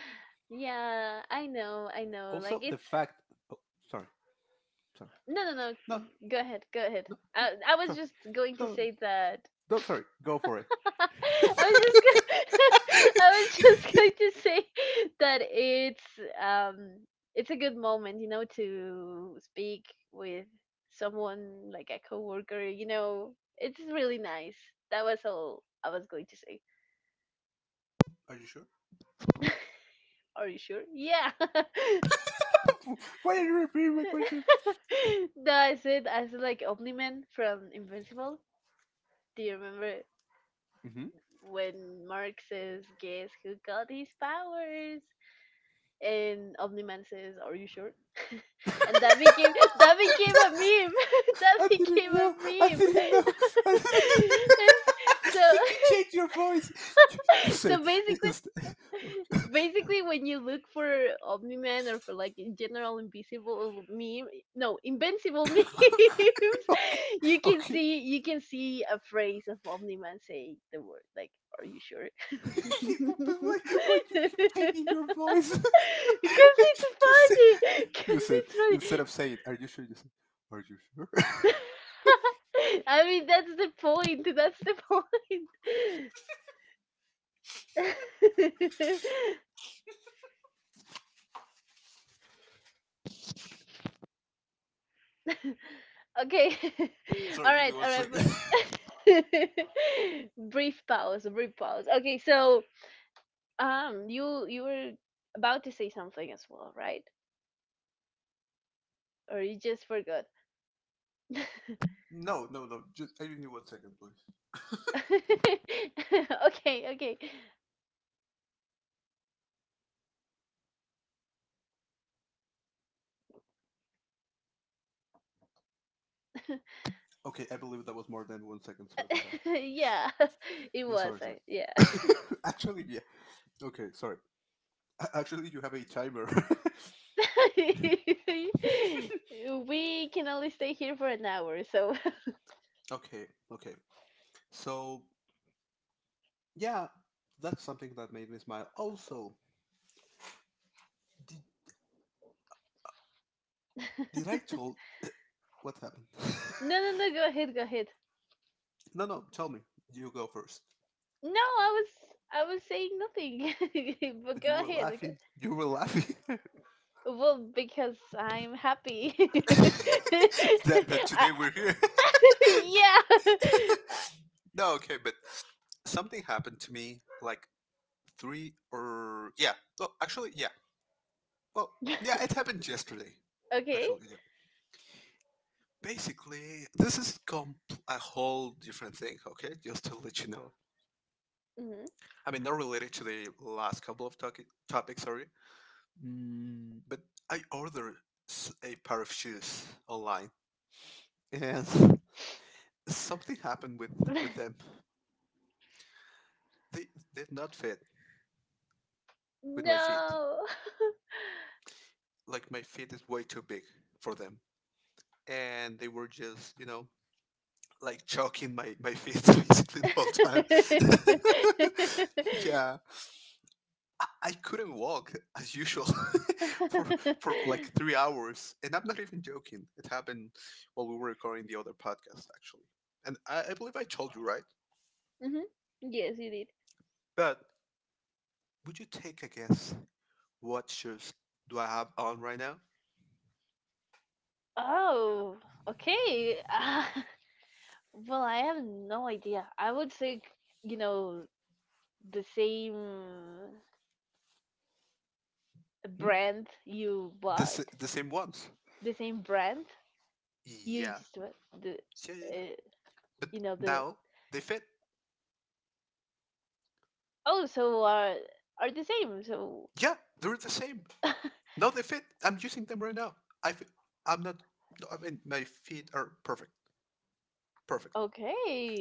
S1: yeah, I know, I know. Like
S2: Also, the
S1: it's
S2: fact. Oh, sorry, sorry.
S1: no, no, no.
S2: No,
S1: Go ahead, go ahead.
S2: no,
S1: I I was
S2: sorry.
S1: just going to
S2: No, no,
S1: say that
S2: No, sorry. Go for it.
S1: I was just go- I was just going to say that it's um it's a good moment, you know, to speak with someone like a coworker, you know. It's really nice. That was all I was going to say.
S2: Are you sure?
S1: Are you sure? Yeah.
S2: Why are you repeating my question?
S1: No, I said I said like Omniman from Invincible. Do you remember
S2: Mm-hmm.
S1: when Mark says, "Guess who got his powers?" And Omni Man says, "Are you sure?" And that became that became a meme. That
S2: I
S1: became
S2: didn't
S1: a
S2: know. I
S1: meme.
S2: didn't know. I didn't...
S1: so
S2: But you changed your voice. You, said
S1: so
S2: i-
S1: basically
S2: inst-
S1: basically when you look for Omni Man or for like in general invisible meme, no, invincible memes,
S2: okay.
S1: you can
S2: Okay.
S1: see you can see a phrase of Omni Man saying the word like are you sure?
S2: But
S1: Because
S2: why? Why do you keep changing your voice?
S1: it's
S2: You said.
S1: funny. Because
S2: You said
S1: it's
S2: instead
S1: funny.
S2: of saying, "Are you sure?" You said, "Are you sure?"
S1: I mean, that's the point. That's the point. okay.
S2: Sorry,
S1: all
S2: give me
S1: right.
S2: one
S1: All right.
S2: second.
S1: But brief pause. Brief pause. Okay. So, um, you you were about to say something as well, right? Or you just forgot?
S2: no, no, no. Just I need one second, please.
S1: okay. Okay.
S2: Okay, I believe that was more than one second. Sorry for that.
S1: yeah. It
S2: No,
S1: was.
S2: sorry,
S1: I, yeah.
S2: sorry. Actually, yeah. Okay, sorry. A- Actually, you have a timer.
S1: We can only stay here for an hour, so
S2: okay, okay. So, yeah, that's something that made me smile. Also, did, did I told what happened?
S1: no, no, no. Go ahead, go ahead.
S2: no, no, tell me. You go first.
S1: No, I was, I was saying nothing, but
S2: But you
S1: go
S2: were
S1: ahead. go-
S2: laughing. You were laughing.
S1: Well, because I'm happy.
S2: That that
S1: I,
S2: today we're here.
S1: yeah.
S2: No, okay, but something happened to me like three or yeah. Well, actually, yeah. Well, yeah, it happened yesterday.
S1: Uh, okay.
S2: Actually, yeah. Basically, this is com- a whole different thing. Okay, just to let you know.
S1: hmm
S2: I mean, not related to the last couple of topic topics. Sorry, mm, but I ordered s- a pair of shoes online, and something happened with with them. They did not fit with my feet.
S1: no.
S2: Like my feet is way too big for them, and they were just you know like choking my my feet basically the whole time. Yeah, I, I couldn't walk as usual for for like three hours, and I'm not even joking. It happened while we were recording the other podcast actually, and I, I believe I told you, right.
S1: hmm Yes, you did.
S2: But would you take a guess what shoes do I have on right now?
S1: Oh, okay. Well, I have no idea. I would say, you know, the same
S2: Hmm?
S1: brand you
S2: The
S1: bought,
S2: s- the same ones.
S1: the same brand you
S2: Yeah,
S1: just bought, the,
S2: yeah, yeah, yeah.
S1: uh,
S2: But
S1: you know, the,
S2: now they fit.
S1: oh, so are, are the same. So,
S2: Yeah, they're the same. No, they fit. I'm using them right now. I f- I'm not. No, I mean, my feet are perfect, perfect.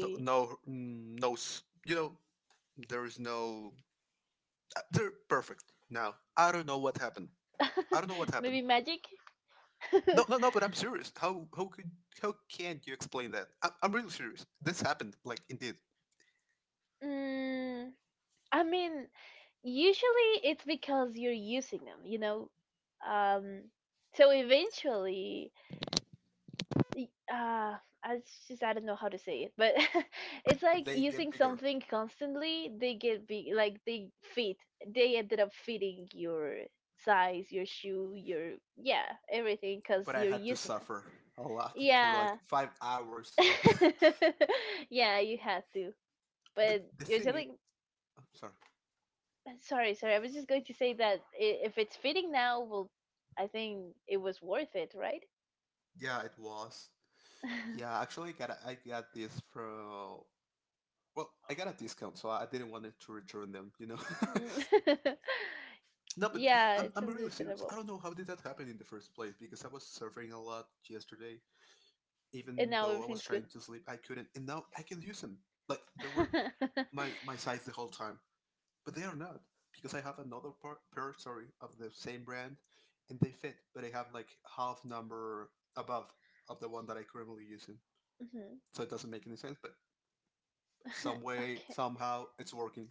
S2: No, no, mm, no. s- You know, there is no. uh, They're perfect now. I don't know what happened. I don't know what happened.
S1: Maybe magic?
S2: No, no, no. But I'm serious. How how could how can you explain that? I'm, I'm really serious. This happened, like, indeed.
S1: Mm, I mean, usually it's because you're using them, you know? Um, so eventually Y- uh I s- just I don't know how to say it, but it's
S2: But
S1: like
S2: they get
S1: using
S2: bigger.
S1: something constantly. They get big, like they fit. They ended up fitting your size, your shoe, your yeah, everything, because
S2: But I
S1: you're
S2: had to
S1: using them.
S2: suffer a lot for like
S1: Yeah,
S2: five hours.
S1: yeah, you had to.
S2: But
S1: But
S2: the
S1: you're
S2: thing is,
S1: telling.
S2: I'm sorry.
S1: Sorry, sorry. I was just going to say that i- if it's fitting now, well, I think it was worth it, right?
S2: Yeah, it was. Yeah, actually, I got a, I got this pro. Well, I got a discount, so I didn't want it to return them. You know. no, but
S1: yeah,
S2: I'm
S1: it's
S2: I'm really serious. I
S1: understandable.
S2: don't know how did that happen in the first place because I was surfing a lot yesterday.
S1: And
S2: Even
S1: now
S2: though I was
S1: everything's good.
S2: trying to sleep, I couldn't, and now I can use them. Like they were my my size the whole time, but they are not because I have another par- pair, sorry, of the same brand, and they fit, but I have like half number above of the one that I currently using.
S1: Mhm.
S2: So it doesn't make any sense, but some way,
S1: okay.
S2: somehow, it's working.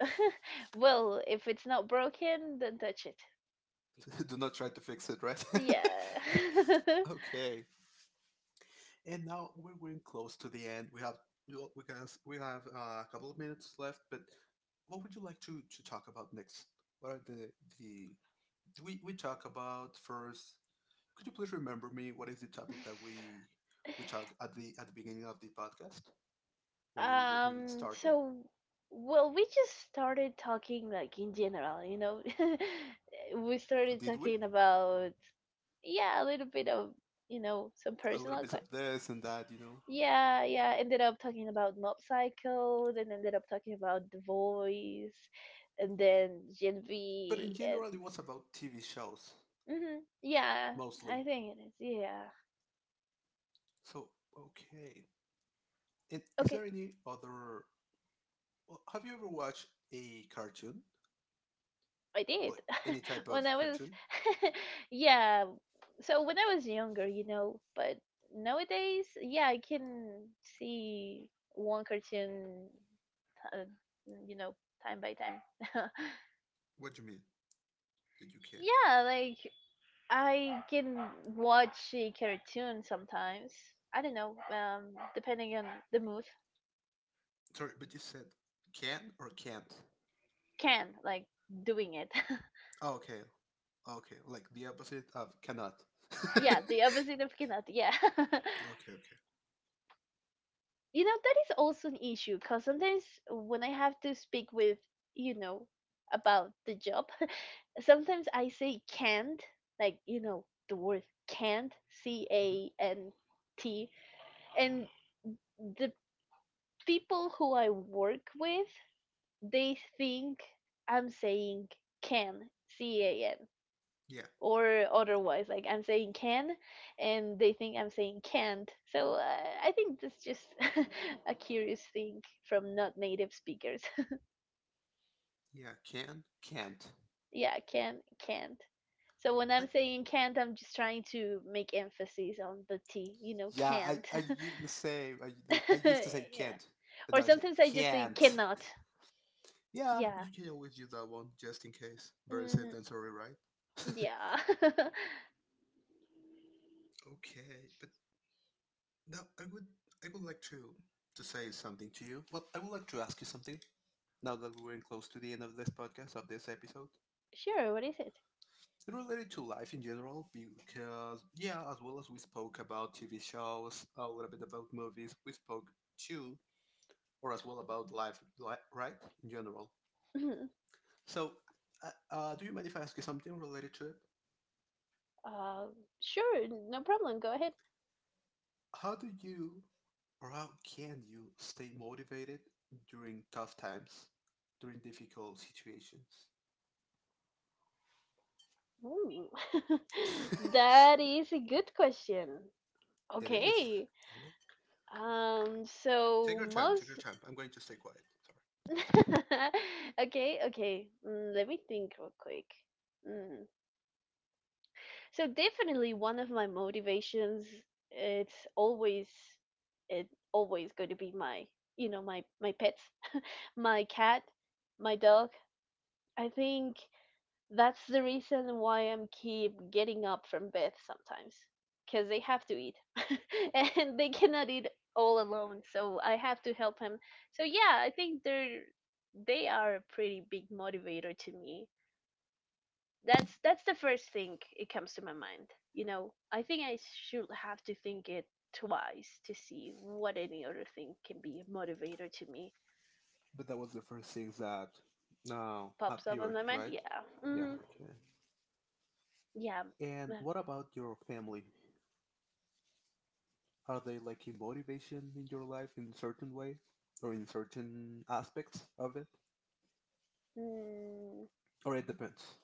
S1: Well, if it's not broken, then touch it.
S2: Do not try to fix it, right?
S1: Yeah.
S2: okay. And now we're getting close to the end. We have we guys we have uh, a couple of minutes left, but what would you like to to talk about next? What are the the do we we talk about first? Could you please remember me? What is the topic that we we talked at the at the beginning of the podcast when we when we
S1: um.
S2: started?
S1: So, well, we just started talking like in general. You know, we started
S2: Did we
S1: talking about yeah, a little bit of you know some
S2: a little
S1: personal
S2: bit of this and that, you know?
S1: Yeah, yeah. Ended up talking about Mob Psycho, then ended up talking about The Voice, and then Gen
S2: But in
S1: V, and
S2: general, it was about T V shows.
S1: hmm yeah,
S2: Mostly.
S1: I think it is. Yeah.
S2: So okay, and is
S1: Okay,
S2: there any other? Well, have you ever watched a cartoon,
S1: I did
S2: like any type
S1: when
S2: of
S1: I was,
S2: cartoon?
S1: yeah. So when I was younger, you know, but nowadays, yeah, I can see one cartoon, uh, you know, time by time.
S2: What do you mean that you can't?
S1: yeah, like I can watch a cartoon sometimes. I don't know, um, depending on the mood.
S2: Sorry, but you said can or can't.
S1: Can, like, doing it.
S2: Oh, okay, okay, like the opposite of cannot. okay,
S1: yeah, the opposite of cannot, yeah.
S2: okay.
S1: you know, that is also an issue, because sometimes when I have to speak with, you know, about the job, sometimes I say can't, like, you know, the word can't, C
S2: Mhm.
S1: A N T, and the people who I work with they think I'm saying can, C A N,
S2: Yeah,
S1: or otherwise. Like I'm saying can, and they think I'm saying can't. So uh, I think that's just a curious thing from not native speakers.
S2: yeah, can, can't.
S1: yeah, can, can't. So when
S2: I,
S1: I'm saying can't, I'm just trying to make emphasis on the T, you know,
S2: yeah, I
S1: can't.
S2: I used to say I, I used to say
S1: yeah.
S2: can't, but
S1: Or
S2: now I say
S1: sometimes I just say
S2: can't.
S1: cannot.
S2: Yeah,
S1: Yeah.
S2: you can always use that one just in case. Better safe
S1: hmm
S2: than sorry, right?
S1: Yeah.
S2: Okay, but now I would I would like to to say something to you. Well, I would like to ask you something now that we're in close to the end of this podcast of this episode.
S1: sure, what is it?
S2: It related to life in general because, yeah, as well as we spoke about T V shows, a little bit about movies, we spoke too, or as well about life, li- right? In general. So, uh, uh, do you mind if I ask you something related to it?
S1: Uh, sure, no problem. Go ahead.
S2: How do you or how can you stay motivated during tough times, during difficult situations?
S1: Ooh. That is a good question.
S2: it is.
S1: Okay.
S2: It is.
S1: Um,
S2: Take
S1: so
S2: your time. Take your
S1: most
S2: time. I'm going to stay quiet. Sorry.
S1: Okay, okay. Mm, let me think real quick. Mm. So definitely one of my motivations it's always it always going to be my, you know, my my pets, my cat, my dog. I think that's the reason why I'm keep getting up from bed sometimes, because they have to eat, and they cannot eat all alone. So I have to help him. So yeah, I think they're they are a pretty big motivator to me. That's that's the first thing it comes to my mind. You know, I think I should have to think it twice to see what any other thing can be a motivator to me.
S2: But that was the first thing that, no,
S1: Pops up in
S2: appeared,
S1: my mind.
S2: right?
S1: Yeah.
S2: Yeah.
S1: hmm
S2: Okay.
S1: Yeah.
S2: And what about your family? Are they like a motivation in your life in a certain way, or in certain aspects of it,
S1: Mm.
S2: or it depends?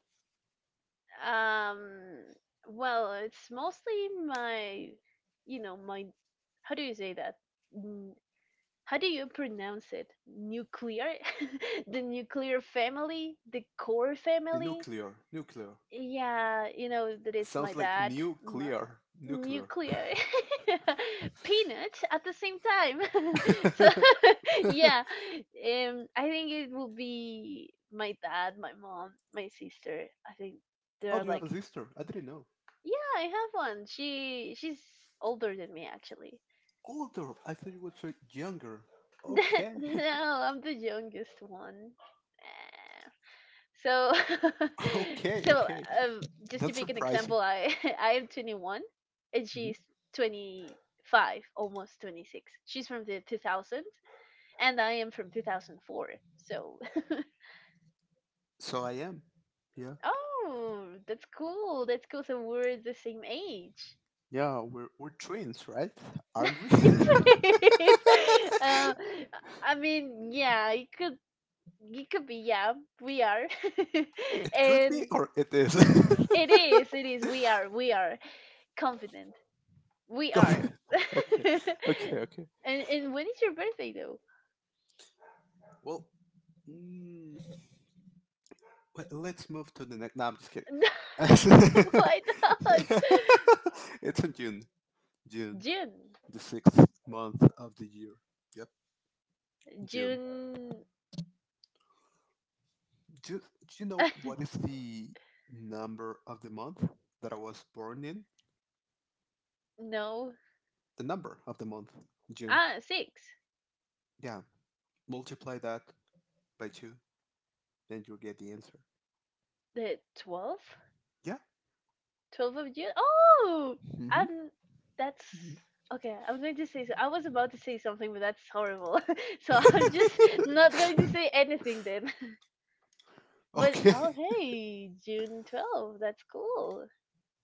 S1: Um, well, it's mostly my, you know, my, how do you say that? N- How do you pronounce it? Nuclear? The nuclear family? The core
S2: The
S1: family?
S2: nuclear, nuclear.
S1: Yeah, you know that it's my
S2: Sounds like
S1: dad, my
S2: nuclear. Nuclear.
S1: nuclear, peanut at the same time. So, yeah, um, I think it will be my dad, my mom, my sister. I think
S2: oh,
S1: they're
S2: do you have
S1: like
S2: a sister? I didn't know.
S1: yeah, I have one. She she's older than me actually.
S2: Older. I thought you were so younger.
S1: That
S2: Okay.
S1: no, I'm the youngest one. Eh, So
S2: okay.
S1: so
S2: Okay.
S1: um, just to
S2: That's
S1: pick an
S2: surprising.
S1: example, I I am twenty-one and
S2: Mhm.
S1: she's twenty-five, almost twenty-six. She's from the two thousands and I am from two thousand four. So
S2: So I am. Yeah.
S1: oh, that's cool. That's cool. So we're the same age.
S2: Yeah. We're we're twins, right? Aren't we?
S1: It is. Uh, I mean, yeah, it could, it could be. Yeah, we are,
S2: it could be,
S1: and
S2: or it is.
S1: it is. It is. We are. We are confident. We
S2: Go.
S1: are.
S2: Okay.
S1: and
S2: Okay. Okay.
S1: and when is your birthday though?
S2: Well. mm, Well, let's move to the next. No, I'm just kidding.
S1: No, why not?
S2: it's in June. June,
S1: June.
S2: the sixth month of the year. Yep, June.
S1: June.
S2: Do, do You know what is the number of the month that I was born in?
S1: No.
S2: The number of the month, June.
S1: Ah, six.
S2: Yeah. Multiply that by two, and you'll get the answer.
S1: The twelfth.
S2: Yeah.
S1: 12th of June. Oh,
S2: Mm-hmm.
S1: I'm. That's okay. I'm going to say. So I was about to say something, but that's horrible. So I'm just not going to say anything then. But
S2: okay.
S1: oh, hey, June twelfth. That's cool.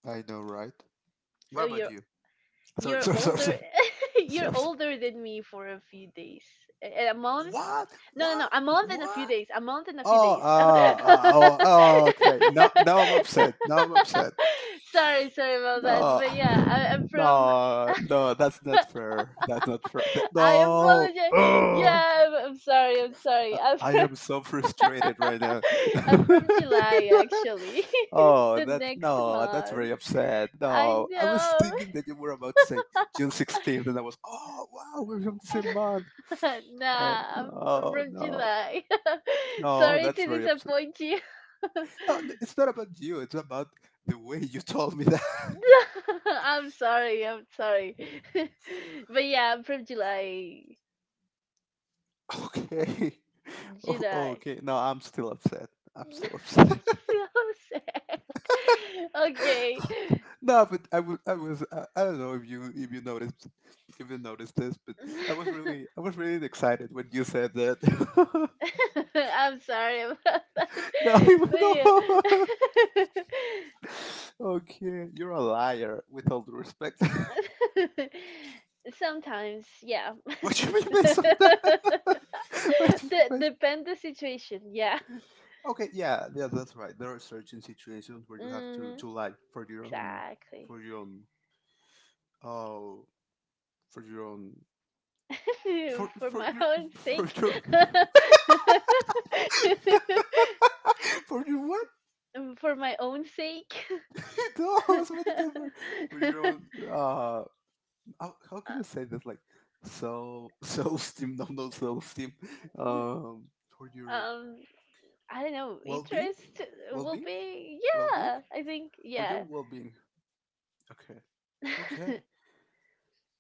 S2: I know, right? What
S1: So
S2: about
S1: you're
S2: you? Sorry,
S1: you're
S2: sorry, sorry,
S1: older.
S2: sorry.
S1: You're
S2: Sorry.
S1: older than me for a few days. A, a month.
S2: What?
S1: No, no, no.
S2: What?
S1: A month and a few
S2: What?
S1: days. A month and a few
S2: Oh,
S1: days.
S2: ah, ah, oh, oh, okay. Now, now I'm upset. Now I'm upset.
S1: sorry, sorry about that.
S2: No,
S1: But yeah, I, I'm from
S2: no, no. That's not fair. That's not fair. Th-
S1: I
S2: no.
S1: apologize.
S2: Oh,
S1: Yeah, I'm, I'm sorry. I'm
S2: I
S1: sorry. I'm
S2: I
S1: from,
S2: am so frustrated right now.
S1: I'm from July, actually.
S2: oh,
S1: the
S2: that
S1: next
S2: no. That's very
S1: month.
S2: upset.
S1: I
S2: No, I was
S1: know.
S2: thinking that you were about to say June sixteenth, and I was, oh wow, we're from the same month. Oh
S1: nah, I'm I'm
S2: no,
S1: from
S2: no,
S1: July.
S2: no.
S1: sorry
S2: That's
S1: to
S2: very upset.
S1: disappoint you.
S2: No, it's not about you. It's about the way you told me that.
S1: I'm sorry. I'm sorry. but yeah, I'm from July.
S2: okay. Oh,
S1: July.
S2: okay. No, I'm still upset. I'm still upset.
S1: so sad. Okay.
S2: no, but I was, I was, I, I don't know if you, if you noticed, if you noticed this, but I was really, I was really excited when you said that.
S1: I'm sorry about that.
S2: no, even
S1: But
S2: though, okay, you're a liar. With all due respect,
S1: yeah. Sometimes, yeah.
S2: what you mean by sometimes? Wait,
S1: De-
S2: wait.
S1: depend the situation, yeah.
S2: Okay, yeah, yeah, that's right. There are certain situations where you have to
S1: hmm
S2: to lie for your own,
S1: Exactly.
S2: for your own, oh, for your own, for
S1: For
S2: for
S1: my
S2: your
S1: own
S2: for
S1: sake.
S2: your for your what?
S1: Um, For my own sake.
S2: no, I was about to tell her, for your own. Uh, how, how
S1: Uh,
S2: can I say this? Like, so self esteem, no, no self esteem.
S1: n-
S2: Um, for your
S1: um I don't know,
S2: well being,
S1: interest
S2: well
S1: will
S2: being,
S1: be
S2: well being,
S1: yeah, I think
S2: for your
S1: yeah,
S2: well being. Okay, okay.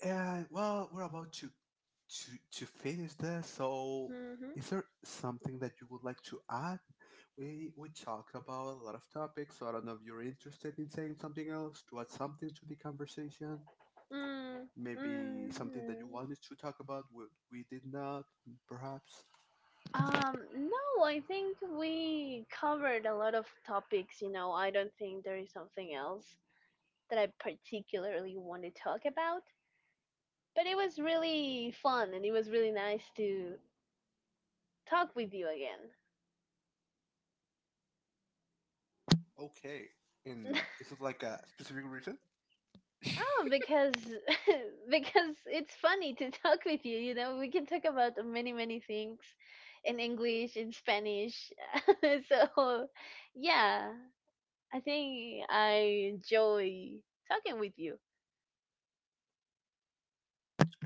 S2: And well, we're about to to to finish this. So,
S1: Mhm.
S2: is there something that you would like to add? We we talked about a lot of topics. So I don't know if you're interested in saying something else to add something to the conversation.
S1: Mm.
S2: Maybe something that you
S1: Mhm.
S2: wanted to talk about we, we did not, perhaps.
S1: Um, no, I think we covered a lot of topics, you know. I don't think there is something else that I particularly want to talk about, but it was really fun and it was really nice to talk with you again.
S2: Okay. And is it like a specific reason?
S1: Oh, because because it's funny to talk with you, you know. We can talk about many, many things in English, in Spanish. So, yeah. I think I enjoy talking with you.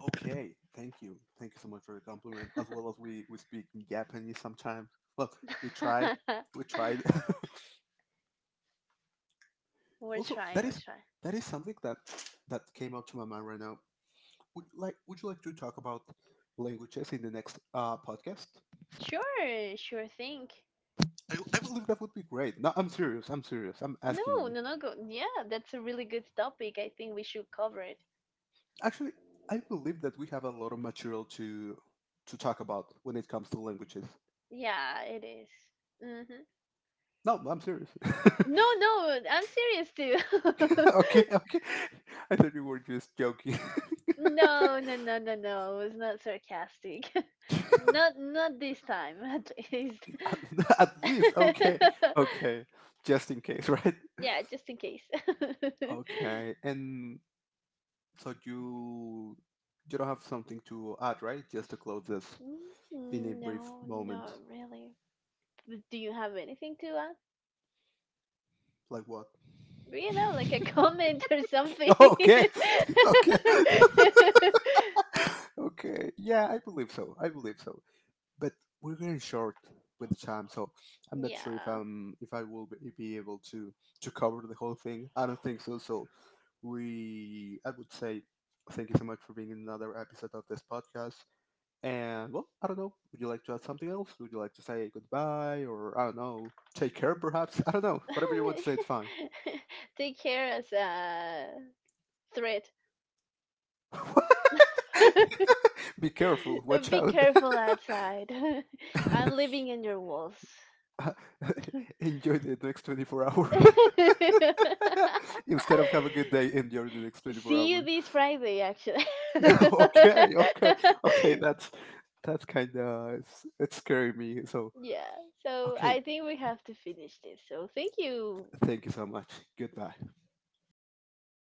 S2: Okay. Thank you. Thank you so much for the compliment. As well as we we speak in Japanese sometimes. Well, we try. We tried.
S1: we're
S2: Also,
S1: trying,
S2: that
S1: we're
S2: is
S1: trying.
S2: that is something that that came up to my mind right now. Would like would you like to talk about languages in the next uh, podcast?
S1: Sure, sure thing.
S2: I, I believe that would be great. No, I'm serious. I'm serious. I'm asking
S1: No,
S2: you.
S1: no, no, go. Yeah, that's a really good topic. I think we should cover it.
S2: Actually, I believe that we have a lot of material to to talk about when it comes to languages.
S1: Yeah, it is. Mm-hmm.
S2: No, I'm serious.
S1: No, no, I'm serious too.
S2: okay, okay. I thought you were just joking.
S1: no, no, no, no, no. It was not sarcastic. not, not this time, at least.
S2: At at least, okay, okay. Just in case, right?
S1: yeah, just in case.
S2: Okay, and so you you don't have something to add, right? Just to close this in a
S1: Mm,
S2: brief
S1: no,
S2: moment.
S1: not really. But do you have anything to add?
S2: Like what?
S1: You know, like a comment or something.
S2: okay. okay. okay. Yeah, I believe so. I believe so. But we're getting short with the time, so I'm not sure if
S1: yeah.
S2: I'm if I will be be able to to cover the whole thing. I don't think so. So we I would say thank you so much for being in another episode of this podcast. And well, I don't know. Would you like to add something else? Would you like to say goodbye or I don't know, take care perhaps? I don't know. Whatever you want to say, it's fine.
S1: Take care as a threat.
S2: Be careful. Watch
S1: Be
S2: out.
S1: careful outside. I'm living in your walls.
S2: enjoy the next twenty-four hours. Instead of have a good day, enjoy the next twenty-four
S1: See you
S2: hours.
S1: this Friday, actually.
S2: okay, okay, okay. That's that's kind of it's, it's scaring me. So
S1: Yeah, so
S2: okay,
S1: I think we have to finish this. So thank you,
S2: thank you so much. Goodbye.